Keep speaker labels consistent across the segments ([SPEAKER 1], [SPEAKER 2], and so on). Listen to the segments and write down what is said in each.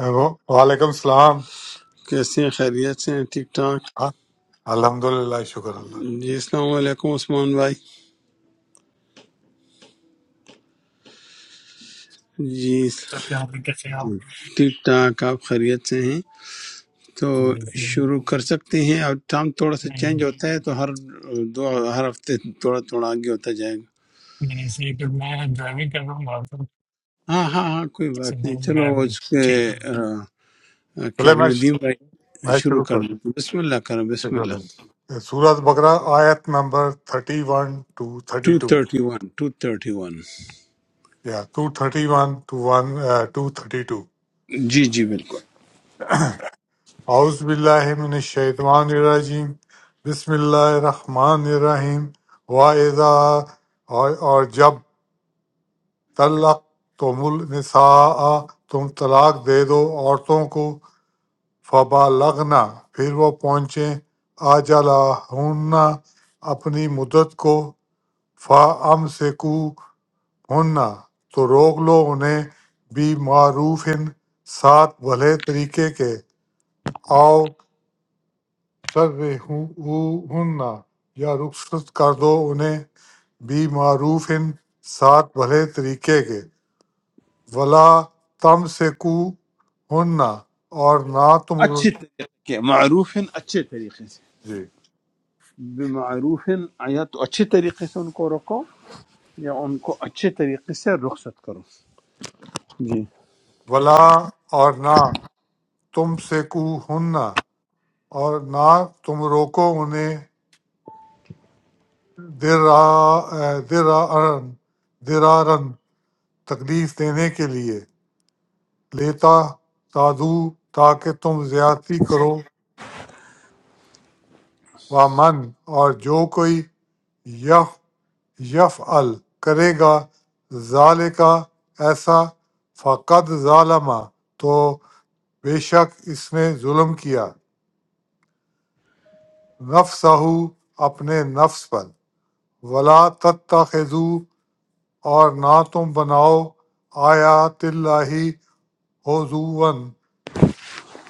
[SPEAKER 1] Hello, وعلیکم السلام ہاں، الحمدللہ شکر اللہ
[SPEAKER 2] सब क्या आप कैसे हो नहीं मैं ऐसे तो मैं ड्राइविंग कर रहा हूँ और तो सुबह मैं ठीक हूँ
[SPEAKER 1] چلے میں میں شروع کر دوں شکر اللہ۔ سورت بقرہ آیت نمبر 31 ٹو 32 یا 231 ٹو 1 232 اعوذ باللہ من الشیطان الرجیم بسم اللہ الرحمن الرحیم وَإِذَا اور اور جب طلق تم النساء تم طلاق دے دو عورتوں کو فَبَلَغْنَ پھر وہ پہنچیں آجَلَہُنَّ اپنی مدت کو فَأَمْسِكُوهُنَّ تو روک لو انہیں بی معروف ساتھ بھلے طریقے کے آؤ سرہن یا رخصت کر دو انہیں بی معروف ساتھ بھلے طریقے کے ولا تم سے کو اور نہ تم جی ولا اور نہ تم سیکوہن اور نہ تم روکو انہیں درا- درارن درارن تکلیف دینے کے لیے لیتا تادو تاکہ تم زیادتی کرو ومن اور جو کوئی یف یف ال کرے گا ظال کا ایسا فقد ظالمہ تو بے شک اس نے ظلم کیا نفسہ اپنے نفس پر ولا تتخذو اور نہ تم بناؤ آیات اللہ حضون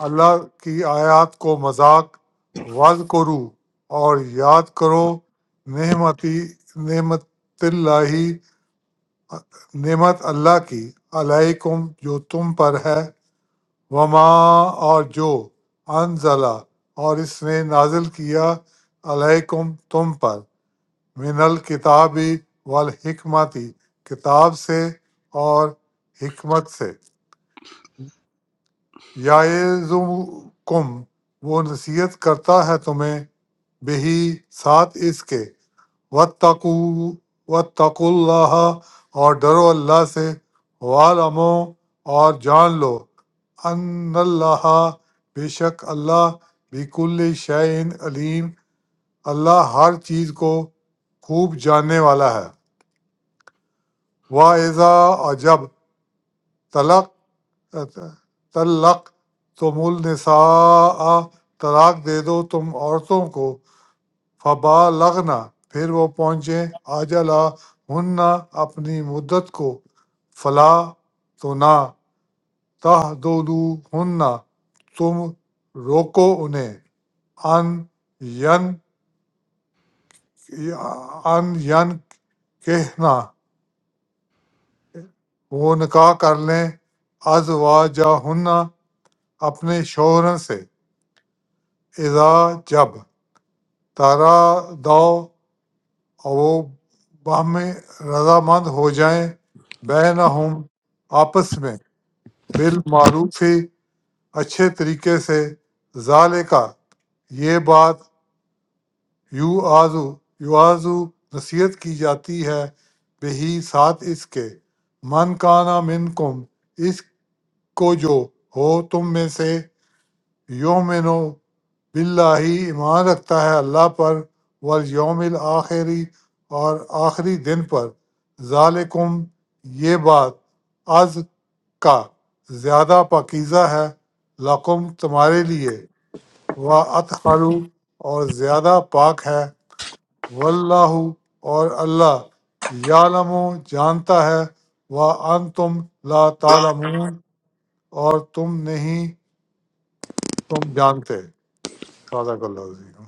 [SPEAKER 1] اللہ کی آیات کو مذاق وز کرو اور یاد کرو نعمتی نعمت اللہ نعمت اللہ کی علیکم جو تم پر ہے وما اور جو انزلہ اور اس نے نازل کیا علیکم تم پر من الکتاب والحکمت کتاب سے اور حکمت سے یعظکم وہ نصیحت کرتا ہے تمہیں بہی ساتھ اس کے واتقو واتقوا اللہ اور ڈرو اللہ سے والمو اور جان لو ان اللہ بے شک اللہ بکل شعین علیم اللہ ہر چیز کو خوب جاننے والا ہے واعضا اور جب طلق طلق تم النساء طلاق دے دو تم عورتوں کو فبا لغنا پھر وہ پہنچیں آجلا ہن اپنی مدت کو فلا تو نہ تہ ہن تم روکو انہیں ان ین ان ین کہنا وہ نکاح کر لیں ازواجہن اپنے شوہروں سے اذا جب تارا دو اور وہ باہم رضامند ہو جائیں بینہم آپس میں بالمعروف ہی اچھے طریقے سے ذالکا یہ بات یو آزو یو آزو نصیحت کی جاتی ہے بہی ساتھ اس کے من کانا من کم اس کو جو ہو تم میں سے یومن و باللہ ایمان رکھتا ہے اللہ پر والیوم الآخری اور آخری دن پر ذالکم یہ بات از کا زیادہ پاکیزہ ہے لقم تمہارے لیے و اطہرو اور زیادہ پاک ہے واللہ اور اللہ یعلم جانتا ہے و انتم لا تعلمون اور تم نہیں تم جانتے صادق اللہ عظیم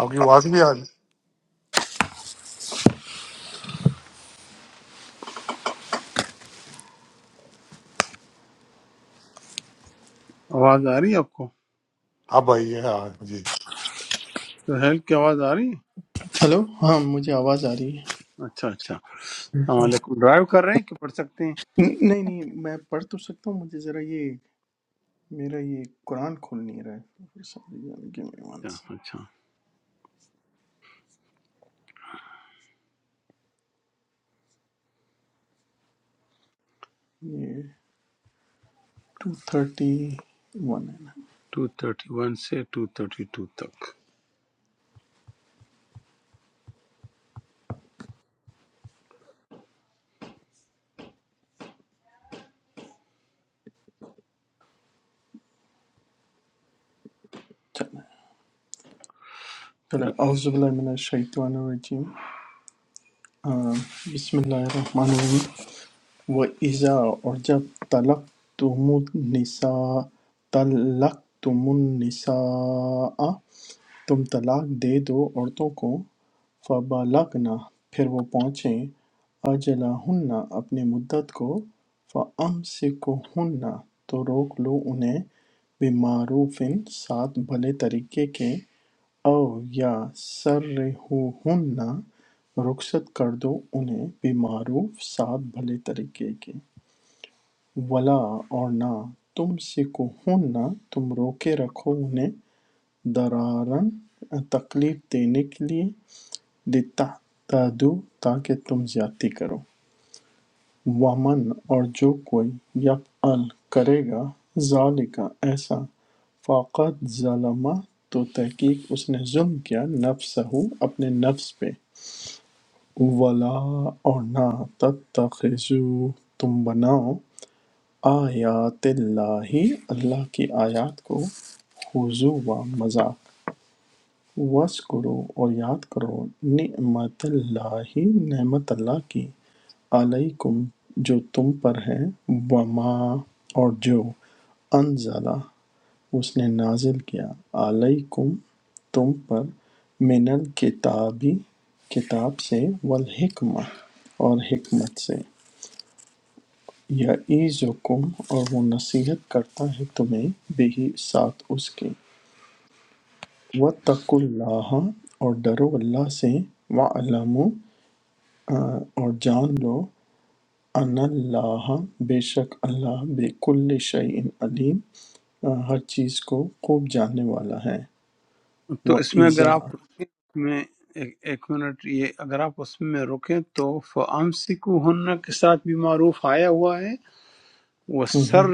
[SPEAKER 1] آپ کی آواز بھی آ اب آئی ہے ہاں جی
[SPEAKER 3] ہلو ہاں مجھے آواز آ رہی ہے ن- نہیں نہیں میں پڑھ تو سکتا ہوں مجھے ذرا یہ میرا یہ قرآن کھول نہیں رہا ہے Sorry، Give me one sec. یہ ٹو تھرٹی ون ہے نا چلنا ہے۔ چلو اعوذ باللہ من الشیطان الرجیم آ، بسم اللہ الرحمن الرحیم و ایزا اور جب طلق تم النساء طلق تم النساء تم طلاق دے دو عورتوں کو فَبَلَغْنَ پھر وہ پہنچیں أَجَلَہُنَّ اپنی مدت کو فَأَمْسِكُوهُنَّ تو روک لو انہیں بِمَعْرُوفٍ ساتھ بھلے طریقے کے او یا سَرِّحُوهُنَّ رخصت کر دو انہیں بِمَعْرُوف ساتھ بھلے طریقے کے وَلَا اور نہ تُمْسِكُوهُنَّ تم روکے رکھو انہیں درارا تکلیف دینے کے لیے لتعتدوا تاکہ تم زیادتی کرو ومن اور جو کوئی یفعل کرے گا ذالکا ایسا فقط ظلم تو تحقیق اس نے ظلم کیا نفسہ اپنے نفس پہ ولا اور نہ تتخذو تم بناؤ آیات اللہ اللہ کی آیات کو خضوع و مذاق وعظ کرو اور یاد کرو نعمت اللہ نعمت اللہ کی علیکم جو تم پر ہے وما اور جو انزلہ اس نے نازل کیا علیکم تم پر من الکتابی کتاب سے والحکمہ اور حکمت سے یعیذکم اور وہ نصیحت کرتا ہے تمہیں بہی ساتھ اس کے وَاتَّقُوا اللَّهَ اور ڈرو اللہ سے وَاعْلَمُوا اور جان لو ان اللہ بے شک اللہ بِكُلِّ شَيْءٍ علیم آ، ہر چیز کو خوب جاننے والا ہے وَإِذَا ہم،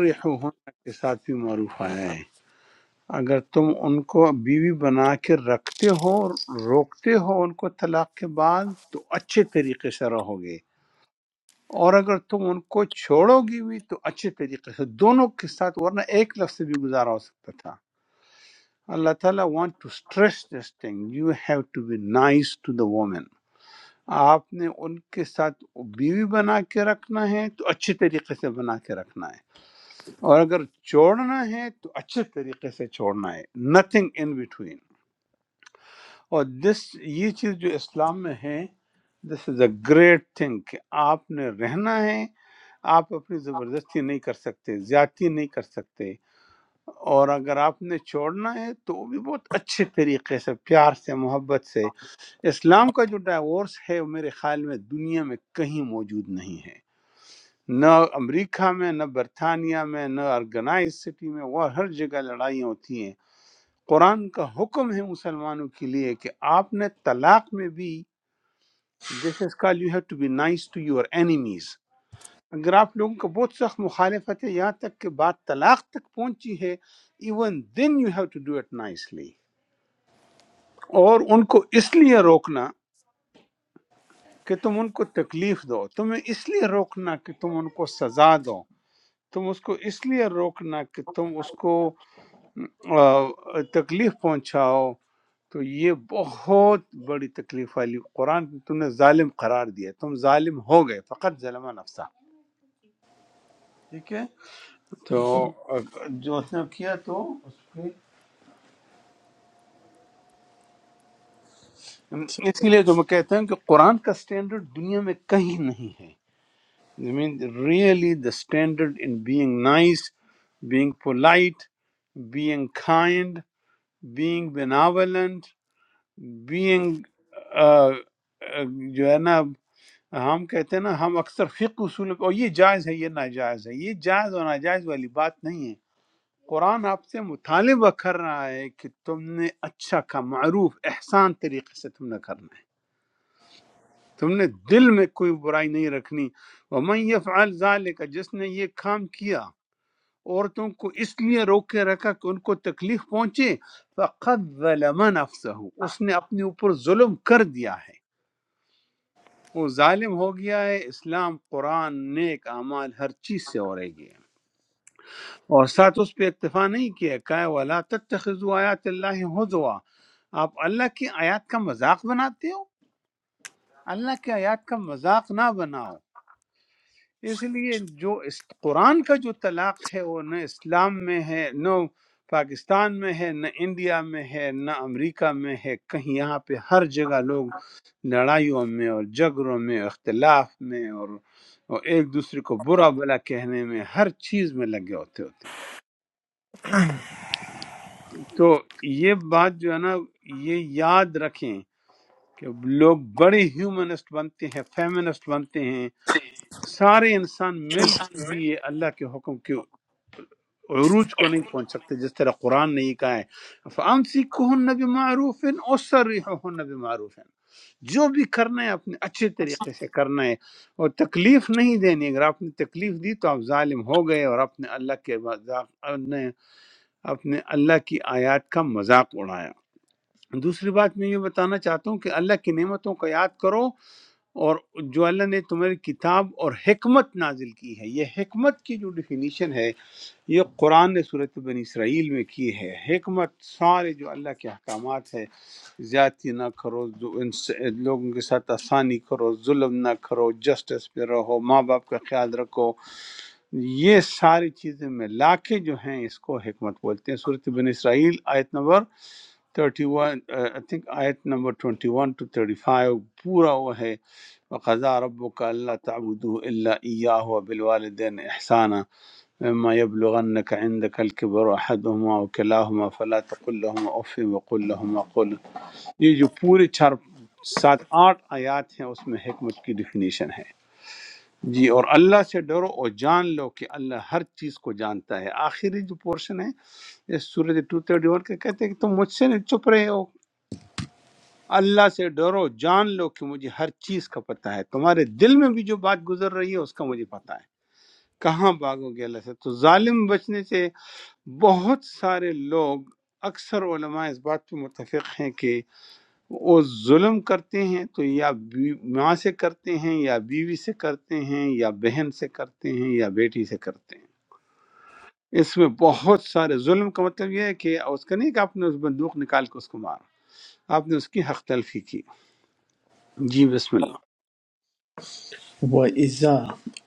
[SPEAKER 3] وَإِذَا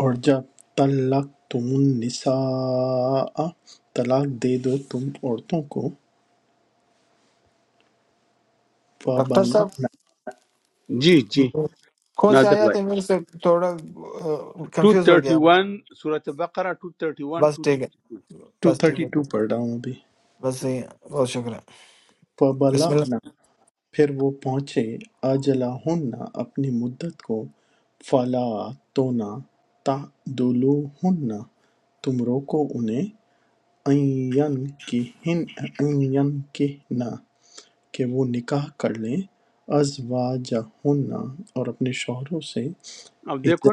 [SPEAKER 3] اور جب طلق تم النساء طلاق دے دو تم عورتوں کو
[SPEAKER 4] ڈاکٹر
[SPEAKER 3] فَبَلَغْنَ
[SPEAKER 4] صاحب کون سے آیا تھے میرے سے تھوڑا کنفیوز ہو گیا ہوں۔ بس ٹھیک ہے بس ٹھیک ہے
[SPEAKER 3] 232 پڑھ رہا ہوں ابھی
[SPEAKER 4] بس صحیح ہے بہت شکریہ بسم اللہ
[SPEAKER 3] پھر وہ پہنچے آجَلَہُنَّ اپنی مدت کو فَلَا تُنَا تَعْضُلُوهُنَّ تم روکو انہیں اَن يَنْکِحْنَ کہ وہ نکاح کر لیں أَزْوَاجَهُنَّ اور اپنے شوہروں سے اِذَا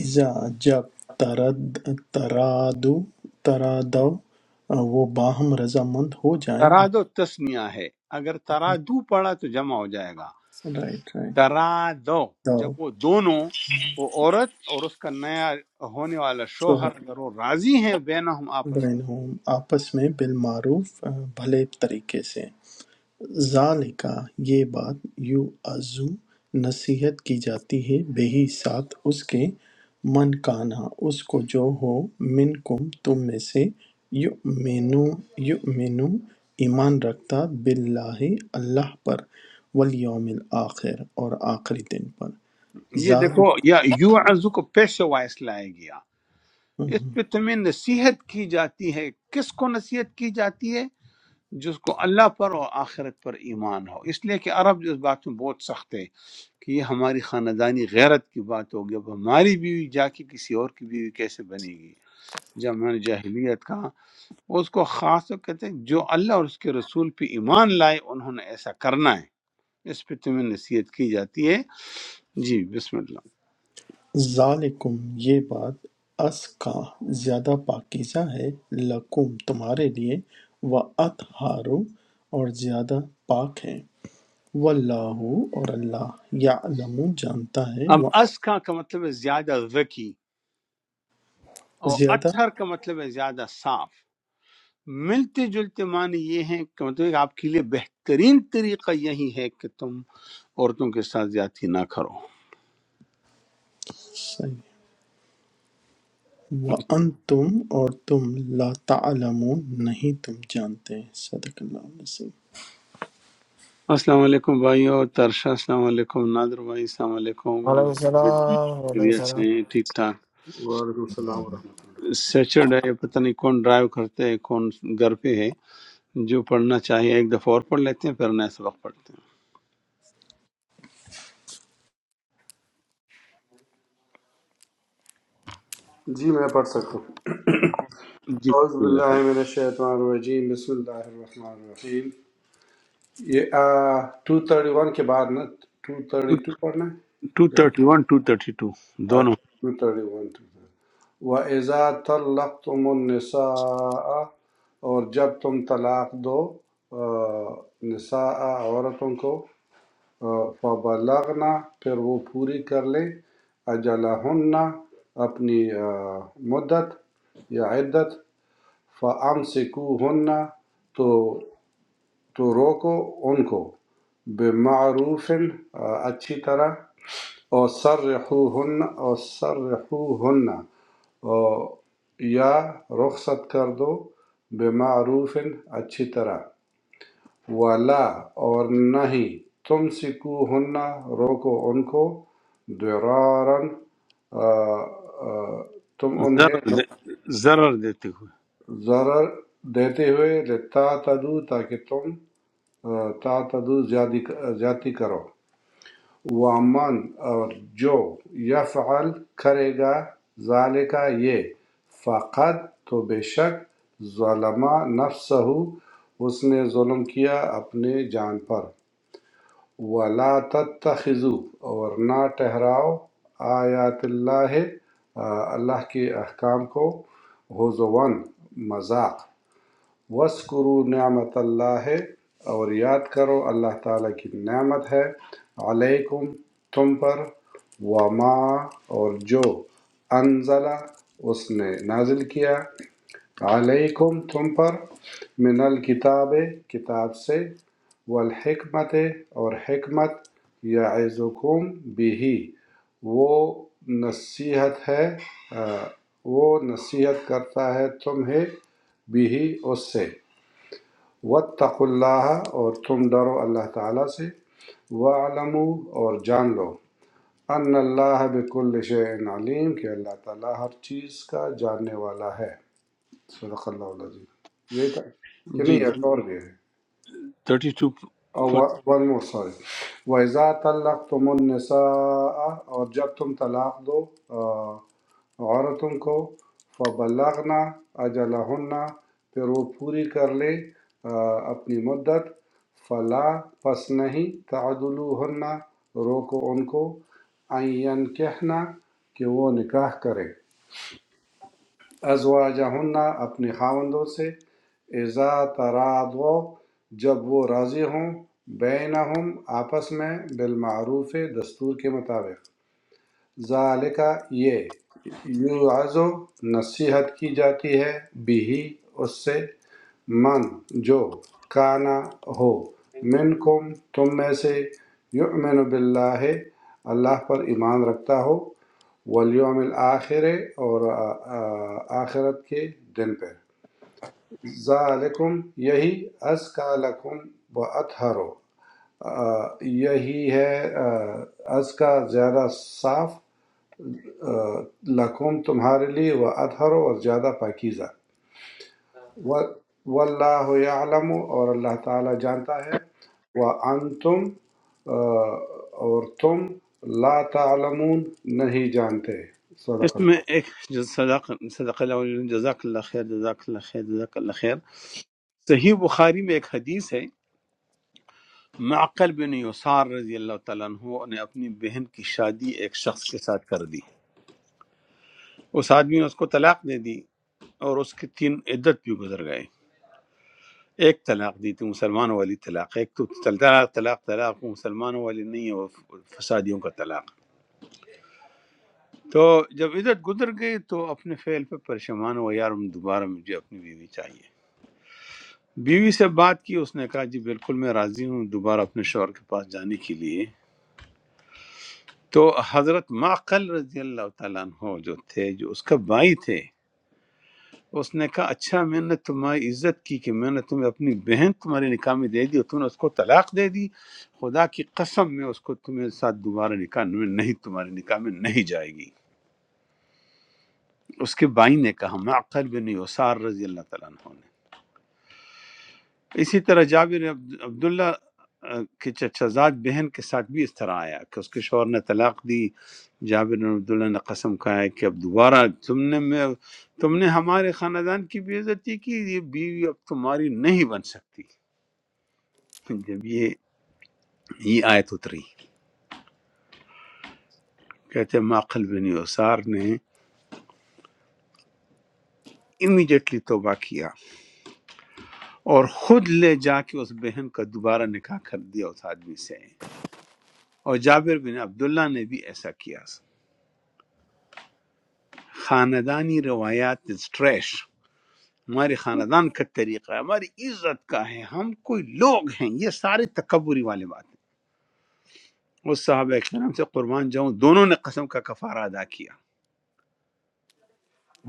[SPEAKER 3] اِذَا جب ترد ترادو ترادو وہ باہم رضامند ہو جائیں رائٹ رائٹ شوہر بینہم آپس میں بالمعروف بھلے طریقے سے ذالکہ یہ بات یوعظ نصیحت کی جاتی ہے بہی ساتھ اس کے من کانا اس کو جو ہو منکم تم میں سے یؤمنو یؤمنو ایمان رکھتا باللہ اللہ پر والیوم الآخر اور آخری دن پر ذالک ذالکم یہ بات ازکی زیادہ پاکیزہ ہے لکم تمہارے لیے و اطہارو اور زیادہ پاک ہے واللہ اور اللہ یعلم جانتا ہے و زیادہ صحیح وَأَنْتُمْ اور تم لا تعلمون نہیں تم جانتے صدق اللہ علیہ
[SPEAKER 4] وعلیکم السلام وعلیکم السلام
[SPEAKER 5] وعلیکم السلام ورحمۃ اللہ جی میں پڑھ سکتا ہوں اعوذ باللہ من الشیطان الرجیم بسم اللہ الرحمن الرحیم یہ ٹو تھرٹی ون کے بعد نا ٹو تھرٹی ٹو پڑھنا Yep. ہے ٹو تھرٹی ون و ایزا تلقتم النساء اور جب تم طلاق دو آ، نساء عورتوں کو فَبَلَغْنَ پھر وہ پوری کر لیں اَجَلَہُنَّ اپنی مدت یا عدت فَأَمْسِكُوهُنَّ تو تو روکو ان کو بِمَعْرُوفٍ اچھی طرح اور سَرِّحُوهُنَّ اور سَرِّحُوهُنَّ اور یا رخصت کر دو بِمَعْرُوفٍ اچھی طرح وَلَا اور نہ ہی تُمْسِکُوهُنَّ روکو ان کو ضِرَارًا آ، آ، تم انہیں ضرر دیتے ہوئے لِتَعْتَدُوا تاکہ تم آ، تعتدوا زیادی زیادتی کرو وَمَنْ اور جو یفعل کرے گا ذَلِکَ یہ فقط تو بے شک ظلم نفسہ اس نے ظلم کیا اپنے جان پر وَلَا تَتَّخِذُوا ورنہ ٹھہراؤ آیات اللہ آ، اللہ کے احکام کو حضون مذاق وَاسْكُرُوا نعمت اللہ اور یاد کرو اللہ تعالیٰ کی نعمت ہے علیکم تم پر وما اور جو انزلہ اس نے نازل کیا علیکم تم پر من الکتاب کتاب سے والحکمت اور حکمت یعظکم بھی وہ نصیحت ہے آ، وہ نصیحت کرتا ہے تمہیں بھی اس سے واتقوا اللہ اور تم ڈرو اللہ تعالیٰ سے وَعْلَمُوا اور جان لو ان اللہ بكل شيء علیم کہ اللہ تعالیٰ ہر چیز کا جاننے والا ہے صدق اللہ العظیم یہ تھا کہ نہیں ایک اور بھی ہے اور ون مور سوری وَإِذَا طَلَّقْتُمُ النِّسَاءَ اور جب تم طلاق دو آ، عورتوں کو فَبَلَّغْنَا أَجَلَهُنَّ پھر وہ پوری کر لے آ، اپنی مدت فلا پس نہیں تعدلوہن روکو ان کو ان کہنا کہ وہ نکاح کرے ازواجہن اپنے خاوندوں سے اذا تراضوا جب وہ راضی ہوں بینہم آپس میں بالمعروف دستور کے مطابق ذالکہ یہ یوعظ نصیحت کی جاتی ہے بھی اس سے من جو کانا ہو منکم تم میں سے یؤمن باللہ اللہ پر ایمان رکھتا ہو والیوم الآخر اور آ- آ- آخرت کے دن پر ذالکم یہی ازکا لکم و اطہرو یہی ہے آ، ازکا زیادہ صاف لکم تمہارے لیے وہ اطہر اور زیادہ پاکیزہ واللہ یعلم اور اللہ تعالی جانتا ہے وہ انتم اور تم لا تعلمون نہیں جانتے صدق اللہ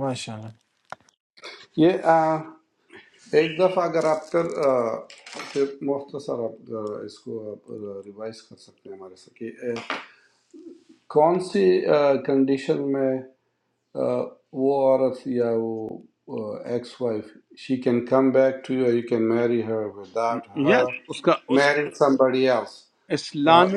[SPEAKER 4] ماشاء اللہ
[SPEAKER 5] یہ آ، ایک دفعہ اگر آپ کر آ، پھر مختصر آپ آ، اس کو آپ ریوائز کر سکتے ہیں ہمارے ساتھ کہ آ، کون سی آ، کنڈیشن میں Who are thy ex-wife? She can come back to you. or You can marry her without her marrying somebody else. So,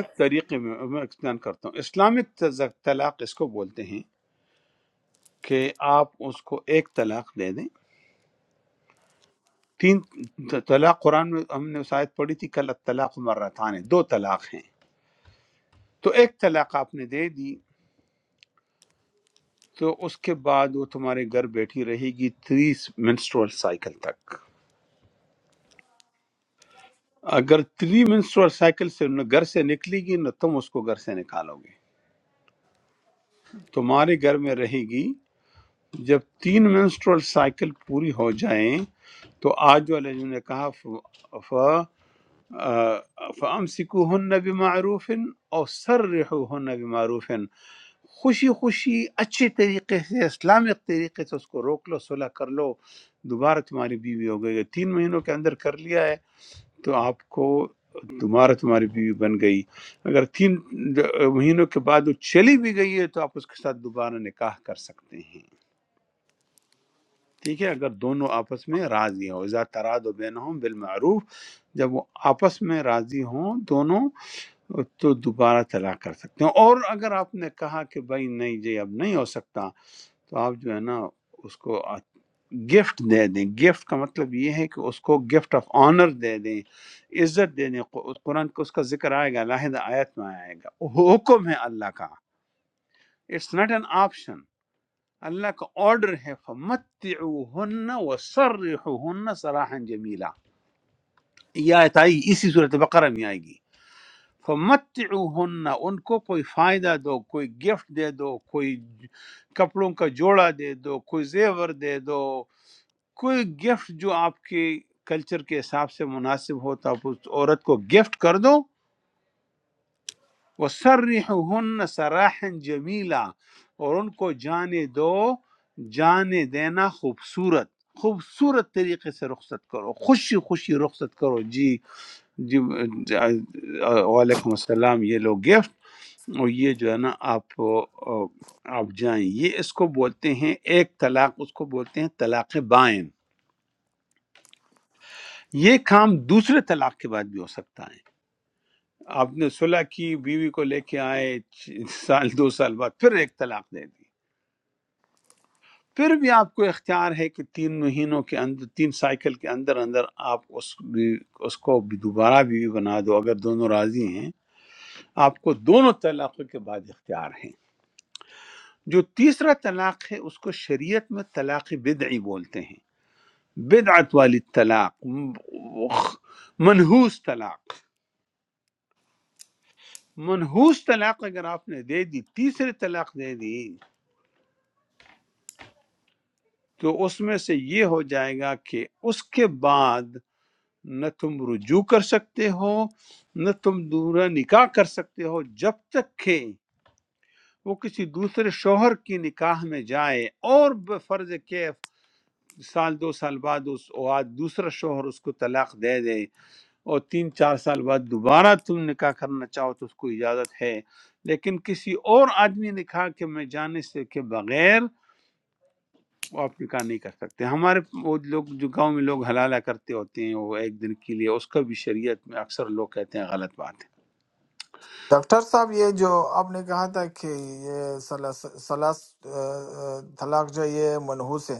[SPEAKER 4] doctor صاحب یہ جو آپ نے کہا تھا کہ یہ سلاس سلاس آ، آ، طلاق جو یہ منحوس ہے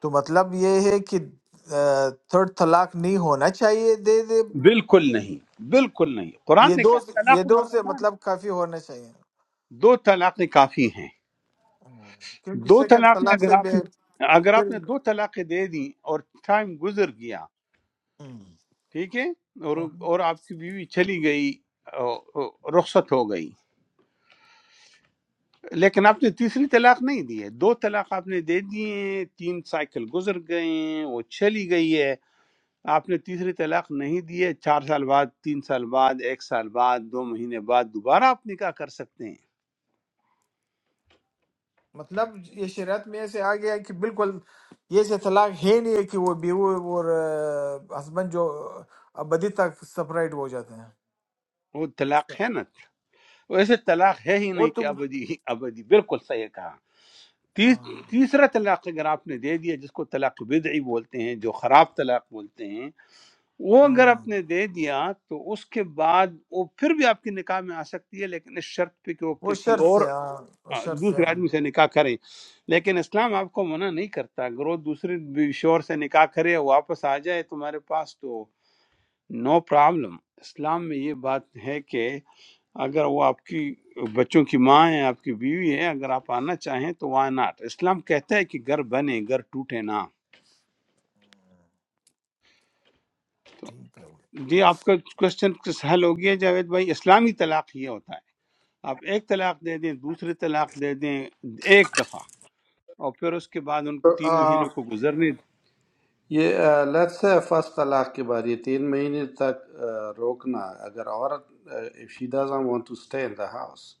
[SPEAKER 4] تو مطلب یہ ہے کہ تھرڈ طلاق نہیں ہونا چاہیے دے دے یہ دو یہ دو سے مطلب کافی ہونا چاہیے کیونکہ سیکنڈ طلاق سے پھر ہم، ہم۔ مطلب یہ شریعت میں ایسے آ گیا ہے کہ بالکل یہ سے طلاق ہے نہیں ہے کہ وہ بیوی اور ہسبینڈ جو ابدی تک سپریٹ ہو جاتے ہیں اس کا- وہ تم ہاں، ہم۔ وہ شرط سے ہاں، وہ شرط سے ہاں۔ ٹھیک ہے
[SPEAKER 5] yeah. Let's say first alaqi bari three months till stop. If she doesn't want to stay in the house,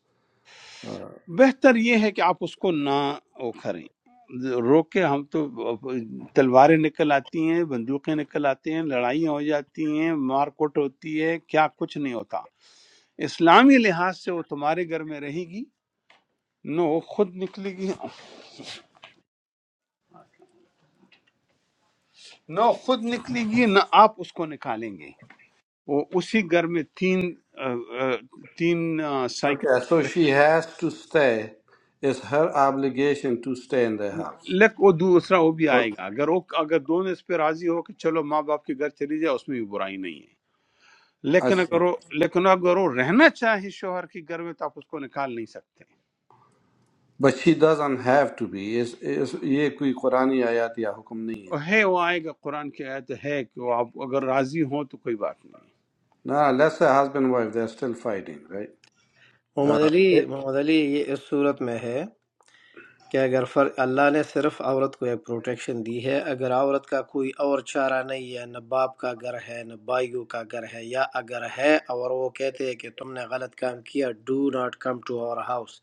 [SPEAKER 5] okay. So she has to stay. It's her obligation to stay in the house. Or, अच्छा, But she doesn't have to be. This, this, this. This is not a Quranic ayat or a command. No, let's say husband and wife, they're still fighting, right?
[SPEAKER 6] Muhammad
[SPEAKER 5] Uh,
[SPEAKER 6] علی محمد علی یہ اس صورت میں ہے کہ اگر فر اللہ نے صرف عورت کو ایک پروٹیکشن دی ہے اگر عورت کا کوئی اور چارہ نہیں ہے نہ باپ کا گھر ہے نہ بھائیوں کا گھر ہے یا اگر ہے اور وہ کہتے ہیں کہ تم نے غلط کام کیا do not come to our house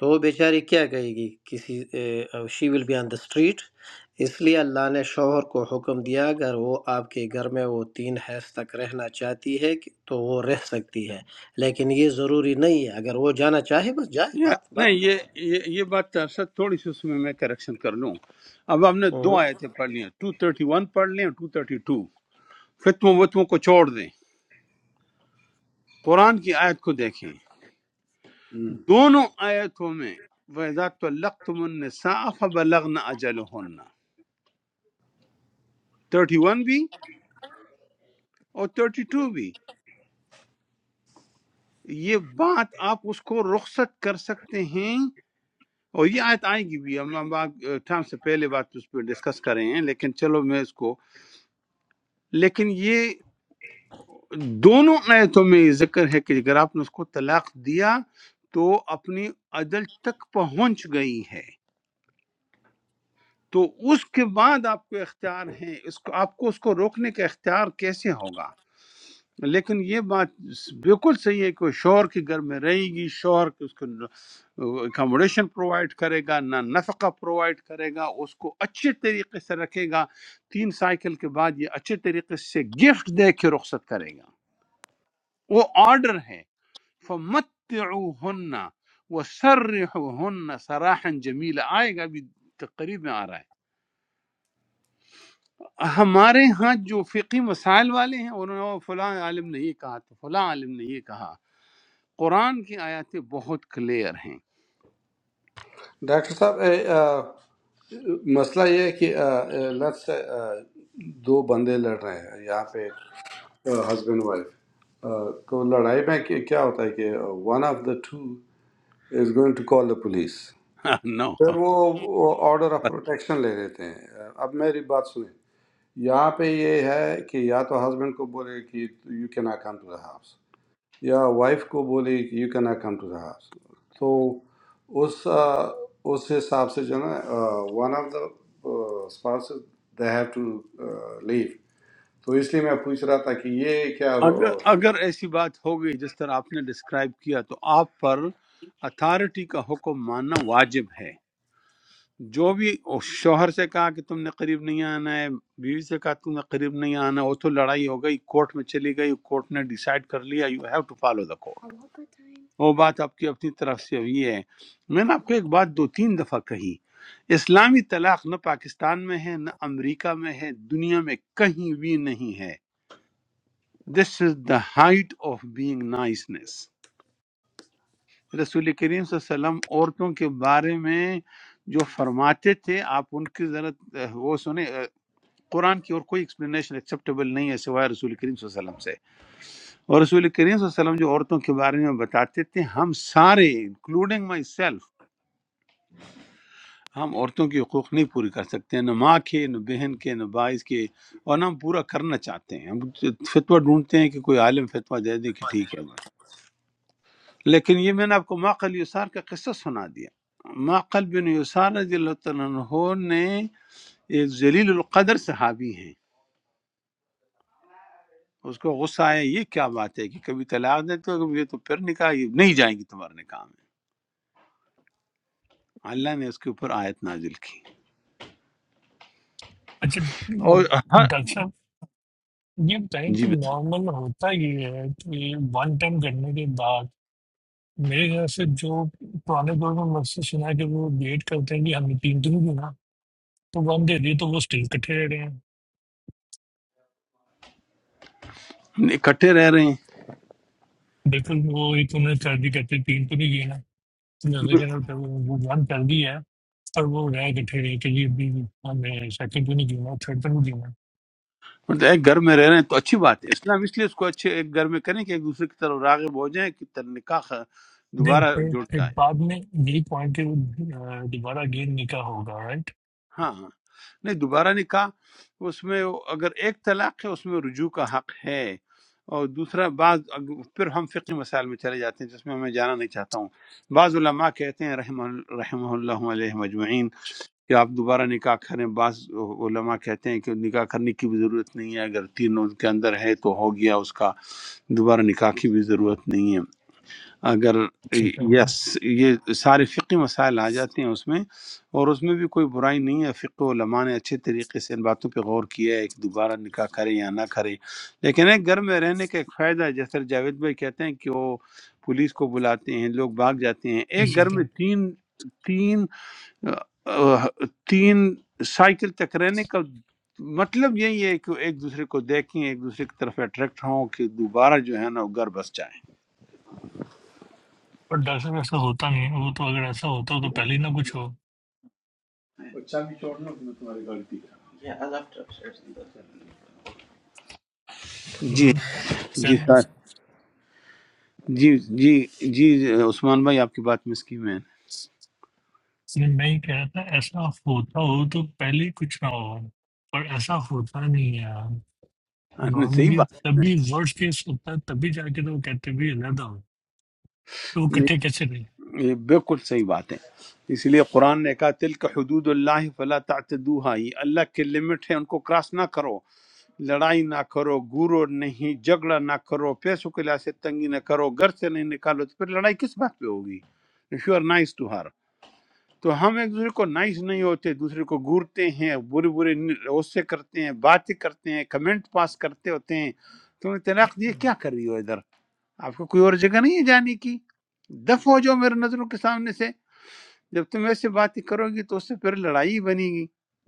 [SPEAKER 6] تو وہ بیچاری کیا کہے گی کسی شی will be on the street اس لیے اللہ نے شوہر کو حکم دیا اگر وہ آپ کے گھر میں وہ تین حیض تک رہنا چاہتی ہے کہ- تو وہ رہ سکتی ہے لیکن یہ ضروری نہیں ہے اگر وہ جانا چاہے بس جائے بات بات ہی ختم۔ ہوں۔
[SPEAKER 5] mm. ڈاکٹر صاحب اے, آ, مسئلہ یہ ہے کہ لیٹس سے دو بندے لڑ رہے ہیں یہاں پہ ہسبینڈ وائف تو لڑائی میں کہ- کیا ہوتا ہے کہ one of the two is going to call the police پھر وہ آرڈر آف پروٹیکشن لے لیتے ہیں آ، اب میری بات سنیں یہاں پہ یہ ہے کہ یا تو ہسبینڈ کو بولے کہ یو کی not come to the house یا وائف کو بولے کہ you can not come to the house تو اس آ، اس حساب سے جو ہے نا one of the spouse they have to leave تو اس لیے میں پوچھ رہا تھا کہ یہ کیا آ،
[SPEAKER 2] अच्छा तो डॉक्टर साहब ये बताएं कि नॉर्मल होता ये है कि वन टाइम करने के बाद मेरे ख्याल से जो पुराने दौर में मुझसे सुना है कि वो वेट करते हैं कि हमें तीन दिन भी ना तो वन दे दिए तो वो स्टिल इकट्ठे रह रहे हैं बिल्कुल वो एक उन्होंने कर दी कहते हैं, तीन तो नहीं गिना तो जैसे कि ना, तो वो वन कर दी है और वो रह गए थे रहे कि ये भी हमें सेकंड क्यों नहीं गिना थर्ड क्यों नहीं गिना नहीं पर फिर बाद में यही पॉइंट है वो अ, दोबारा गेम निका होगा राइट सेकंड पर दरअसल ऐसा होता नहीं है वो तो अगर ऐसा होता तो पहले ही ना कुछ हो हम्म, चल इसलिए मैं ही कह रहा था ऐसा होता हो तो पहले ही कुछ ना हो पर ऐसा होता नहीं है यार नॉर्मली तभी वर्स्ट केस होता है तभी जाके तो वो कहते भी अलहदा हो तो वो इकट्ठे कैसे रहे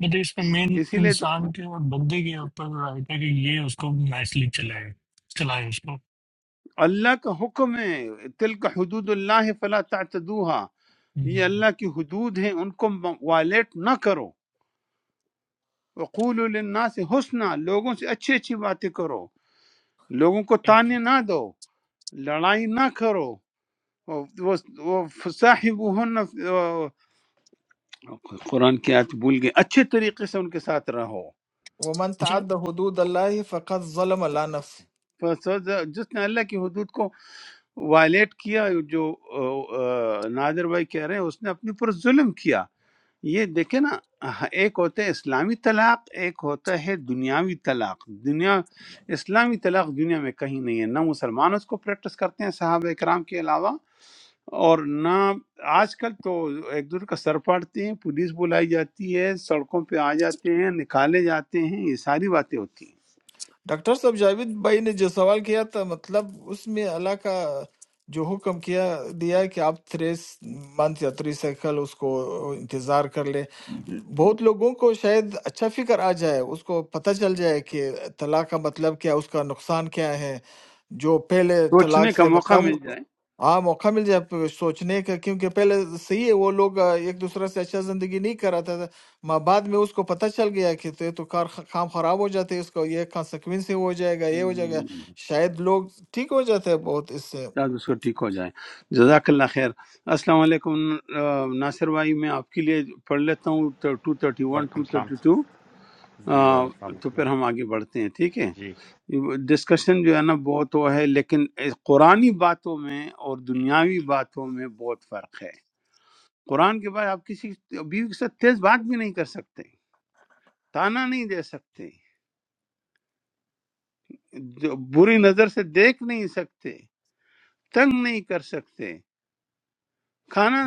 [SPEAKER 2] बट इसमें मेन इंसान के और बंदे के ऊपर राइट है कि ये उसको नाइसली चलाए चलाए उसको हम्म।
[SPEAKER 4] ومن تعد حدود اللہ فقط ظلم اللہ ڈاکٹر صاحب جاوید بھائی نے جو سوال کیا تھا مطلب اس میں اللہ کا جو حکم کیا دیا ہے کہ آپ تھریس منتھ یا تھری سائیکل اس کو انتظار کر لیں بہت لوگوں کو شاید اچھا فکر آ جائے اس کو پتہ چل جائے کہ طلاق کا مطلب کیا اس کا نقصان کیا ہے جو پہلے طلاق سے مطلب ہاں موقع مل جائے پ- سوچنے کا کیونکہ پہلے صحیح ہے وہ لوگ آ، ایک دوسرے سے اچھا زندگی نہیں کر رہا تھا ماں بعد میں اس کو پتہ چل گیا کہ تو یہ تو کار کام خراب ہو جاتے اس کو یہ کانسیکوینس ہو جائے گا یہ ہو جائے گا شاید لوگ ٹھیک ہو جاتے ہیں بہت اس سے
[SPEAKER 7] وعلیکم السلام جی وعلیکم السلام ورحمۃ اللہ۔ جی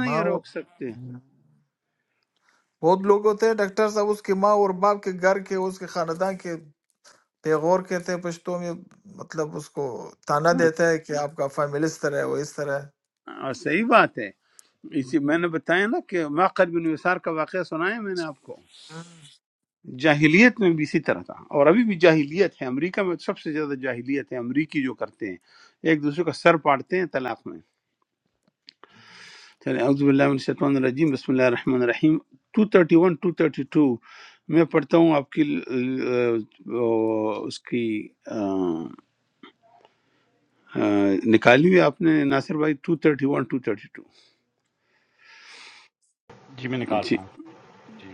[SPEAKER 4] ماں بہت لوگ ہوتے ہیں ڈاکٹر صاحب اس کی ماں اور باپ کے گھر کے اس کے خاندان کے بے غور کہتے ہیں پشتوں میں مطلب اس کو تانا دیتا ہے کہ آپ کا فیملی اس طرح ہے وہ اس طرح ہے
[SPEAKER 7] جی میں نکال رہا ہوں جی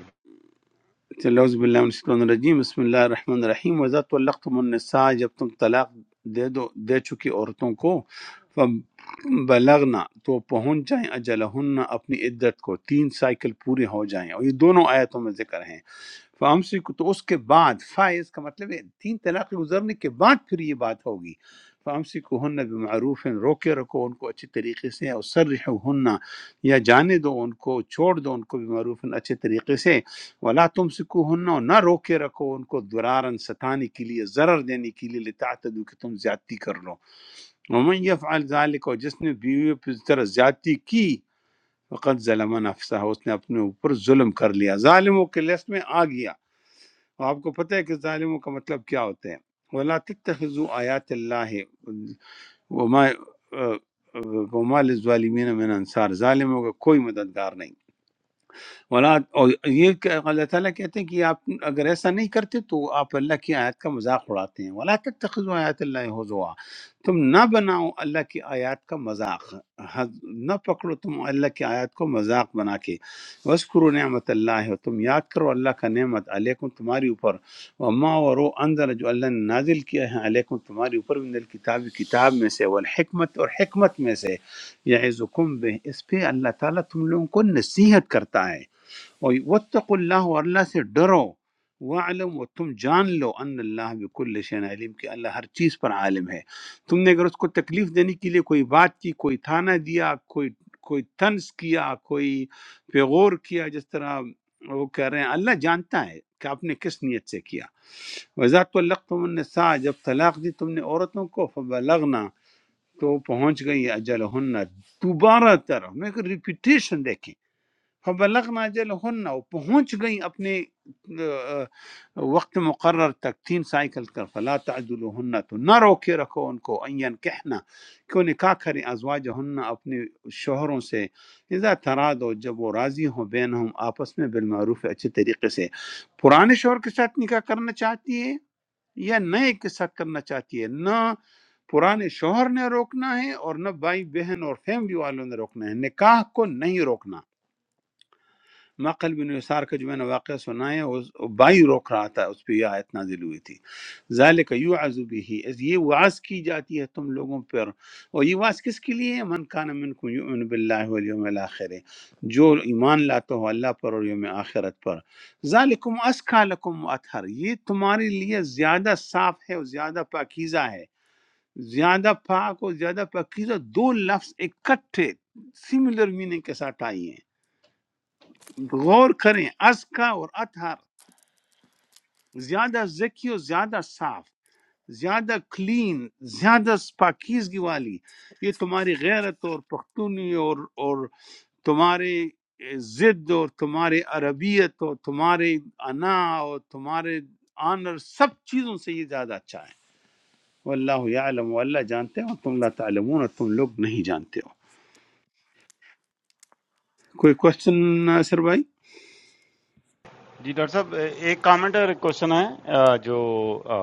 [SPEAKER 7] جی ڈاکٹر صاحب ایک کامنٹ اور ایک کوشچن ہے آ، جو آ،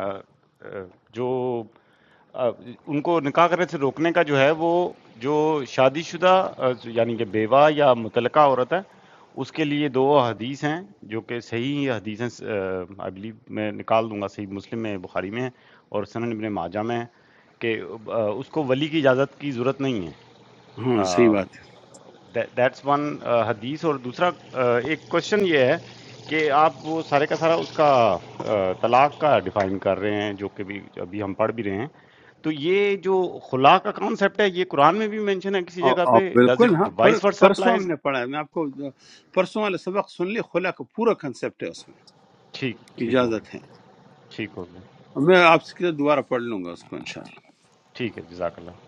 [SPEAKER 7] آ، آ، جو آ، ان کو نکاح کرنے سے روکنے کا جو ہے وہ جو شادی شدہ آ، یعنی کہ بیوہ یا متعلقہ عورت ہے اس کے لیے دو حدیث ہیں جو کہ صحیح حدیث ہیں آئی بلیو میں نکال دوں گا صحیح مسلم میں بخاری میں ہے اور سنن ابن ماجہ میں ہے کہ آ، اس کو ولی کی اجازت کی ضرورت نہیں ہے آ، دیٹس ون حدیث اور دوسرا uh, ایک کوشچن یہ ہے کہ آپ وہ سارے کا سارا اس کا uh, طلاق کا ڈیفائن کر رہے ہیں جو کہ بھی ابھی ہم پڑھ بھی رہے ہیں تو یہ جو خلا کا کانسیپٹ ہے یہ قرآن میں بھی مینشن ہے کسی جگہ پہ does it vice versa applies ٹھیک ٹھیک ہوگا ٹھیک ہوگا ٹھیک ہے جزاک اللہ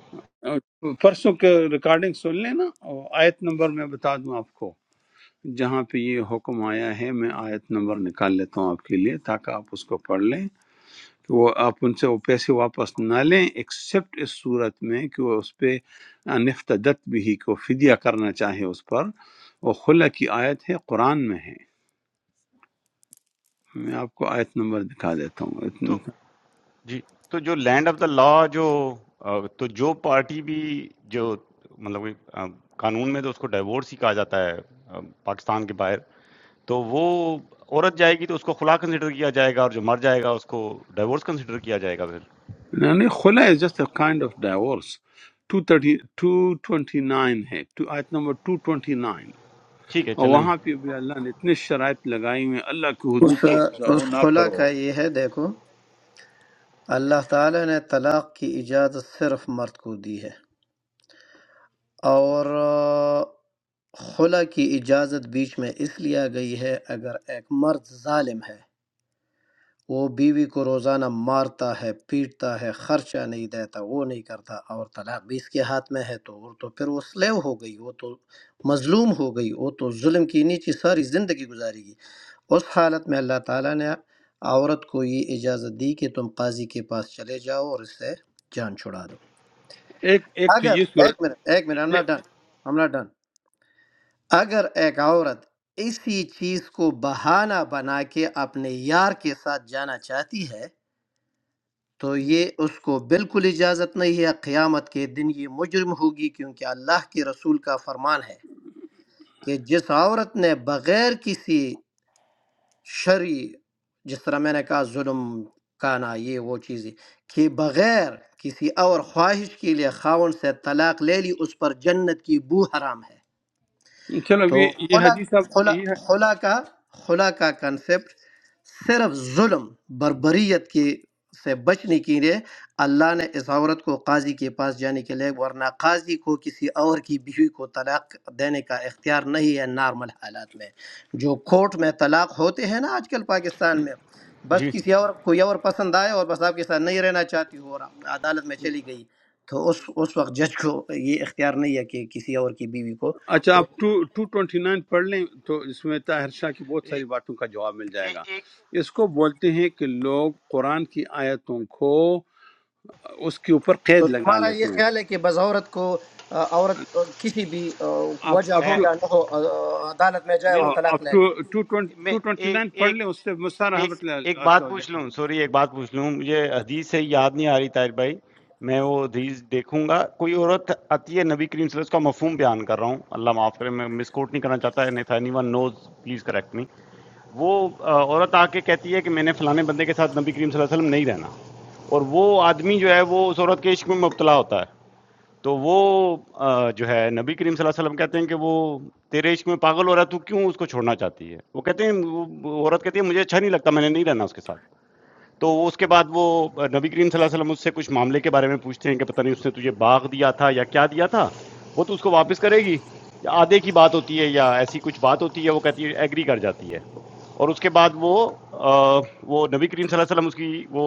[SPEAKER 7] تو جی تو جو لینڈ آف دا لا جو آ، تو جو پارٹی بھی جو مطلب کہ، آ، قانون میں تو اس کو ڈائیورس ہی کہا جاتا ہے آ، پاکستان کے باہر تو وہ عورت جائے گی تو اس کو خلا کنسیڈر کیا جائے گا اور جو مر جائے گا اس کو ڈائیورس کنسیڈر کیا جائے گا پھر ٹھیک ہے چلیں میں-
[SPEAKER 6] اس اس خلا کا یہ ہے دیکھو اللہ تعالی نے طلاق کی اجازت صرف مرد کو دی ہے اور آ، خلا کی اجازت بیچ میں اس لیے آ گئی ہے اگر ایک مرد ظالم ہے وہ بیوی کو روزانہ مارتا ہے پیٹتا ہے خرچہ نہیں دیتا وہ نہیں کرتا اور طلاق بھی اس کے ہاتھ میں ہے تو وہ تو پھر وہ سلیو ہو گئی وہ تو مظلوم ہو گئی وہ تو ظلم کی نیچی ساری زندگی گزارے گی اس حالت میں اللہ تعالیٰ نے عورت کو یہ اجازت دی کہ تم قاضی کے پاس چلے جاؤ اور اس سے جان چھڑا دو اگر ایک منٹ ایک منٹ ہم نہ ڈن ہم نہ ڈن اگر ایک عورت اسی چیز کو بہانہ بنا کے اپنے یار کے ساتھ جانا چاہتی ہے تو یہ اس کو بالکل اجازت نہیں ہے قیامت کے دن یہ مجرم ہوگی کیونکہ اللہ کے رسول کا فرمان ہے کہ جس عورت نے بغیر کسی شرعی جس طرح میں نے کہا ظلم کانا یہ وہ چیزیں کہ بغیر کسی اور خواہش کے لیے خاون سے طلاق لے لی اس پر جنت کی بو حرام ہے تو خلا خلا خلا کا خلا کا کنسپٹ صرف ظلم بربریت کی سے بچنے کے لیے اللہ نے اس عورت کو قاضی کے پاس جانے کے لیے ورنہ قاضی کو کسی اور کی بیوی کو طلاق دینے کا اختیار نہیں ہے نارمل حالات میں جو کورٹ میں طلاق ہوتے ہیں نا آج کل پاکستان میں بس
[SPEAKER 7] جی
[SPEAKER 6] کسی اور کوئی اور پسند آئے اور بس آپ کے ساتھ نہیں رہنا چاہتی ہو اور عدالت میں چلی گئی تو اس اس وقت جج کو یہ اختیار نہیں ہے کہ کسی اور کی بیوی کو
[SPEAKER 7] اے- اے- ایک
[SPEAKER 6] تو تمہارا یہ خیال ہے کہ بس عورت کو آ، عورت آ، کسی بھی آ، وجہ ہو
[SPEAKER 7] ہے
[SPEAKER 6] یا نہ ہو آ، آ، عدالت میں جائے اور
[SPEAKER 7] نہیں،
[SPEAKER 6] طلاق لے لے
[SPEAKER 7] میں ایک ایک ایک بات پوچھ لوں سوری ایک بات پوچھ لوں مجھے حدیث سے یاد نہیں آ رہی طاہر بھائی میں وہ حدیث دیکھوں گا کوئی عورت آتی ہے نبی کریم صلی اللہ علیہ وسلم اس کا مفہوم بیان کر رہا ہوں اللہ معاف کرے میں مس کوٹ نہیں کرنا چاہتا ہے نہیں anyone knows please correct me وہ آ، عورت آ کے کہتی ہے کہ میں نے فلانے بندے کے ساتھ نبی کریم صلی اللہ علیہ وسلم نہیں رہنا اور وہ آدمی جو ہے وہ اس عورت کے عشق میں مبتلا ہوتا ہے تو وہ آ, جو ہے نبی کریم صلی اللہ علیہ وسلم کہتے ہیں کہ وہ تیرے عشق میں پاگل ہو رہا ہے تو کیوں اس کو چھوڑنا چاہتی ہے وہ کہتے ہیں وہ- وہ عورت کہتی ہے مجھے اچھا نہیں لگتا میں نے نہیں رہنا اس کے ساتھ تو اس کے بعد وہ آ، نبی کریم صلی اللہ علیہ وسلم اس سے کچھ معاملے کے بارے میں پوچھتے ہیں کہ پتہ نہیں اس نے تجھے باغ دیا تھا یا کیا دیا تھا وہ تو اس کو واپس کرے گی یا آدھے کی بات ہوتی ہے یا ایسی کچھ بات ہوتی ہے وہ کہتی ہے ایگری کر جاتی ہے اور اس کے بعد وہ آ، وہ نبی کریم صلی اللہ علیہ وسلم اس کی وہ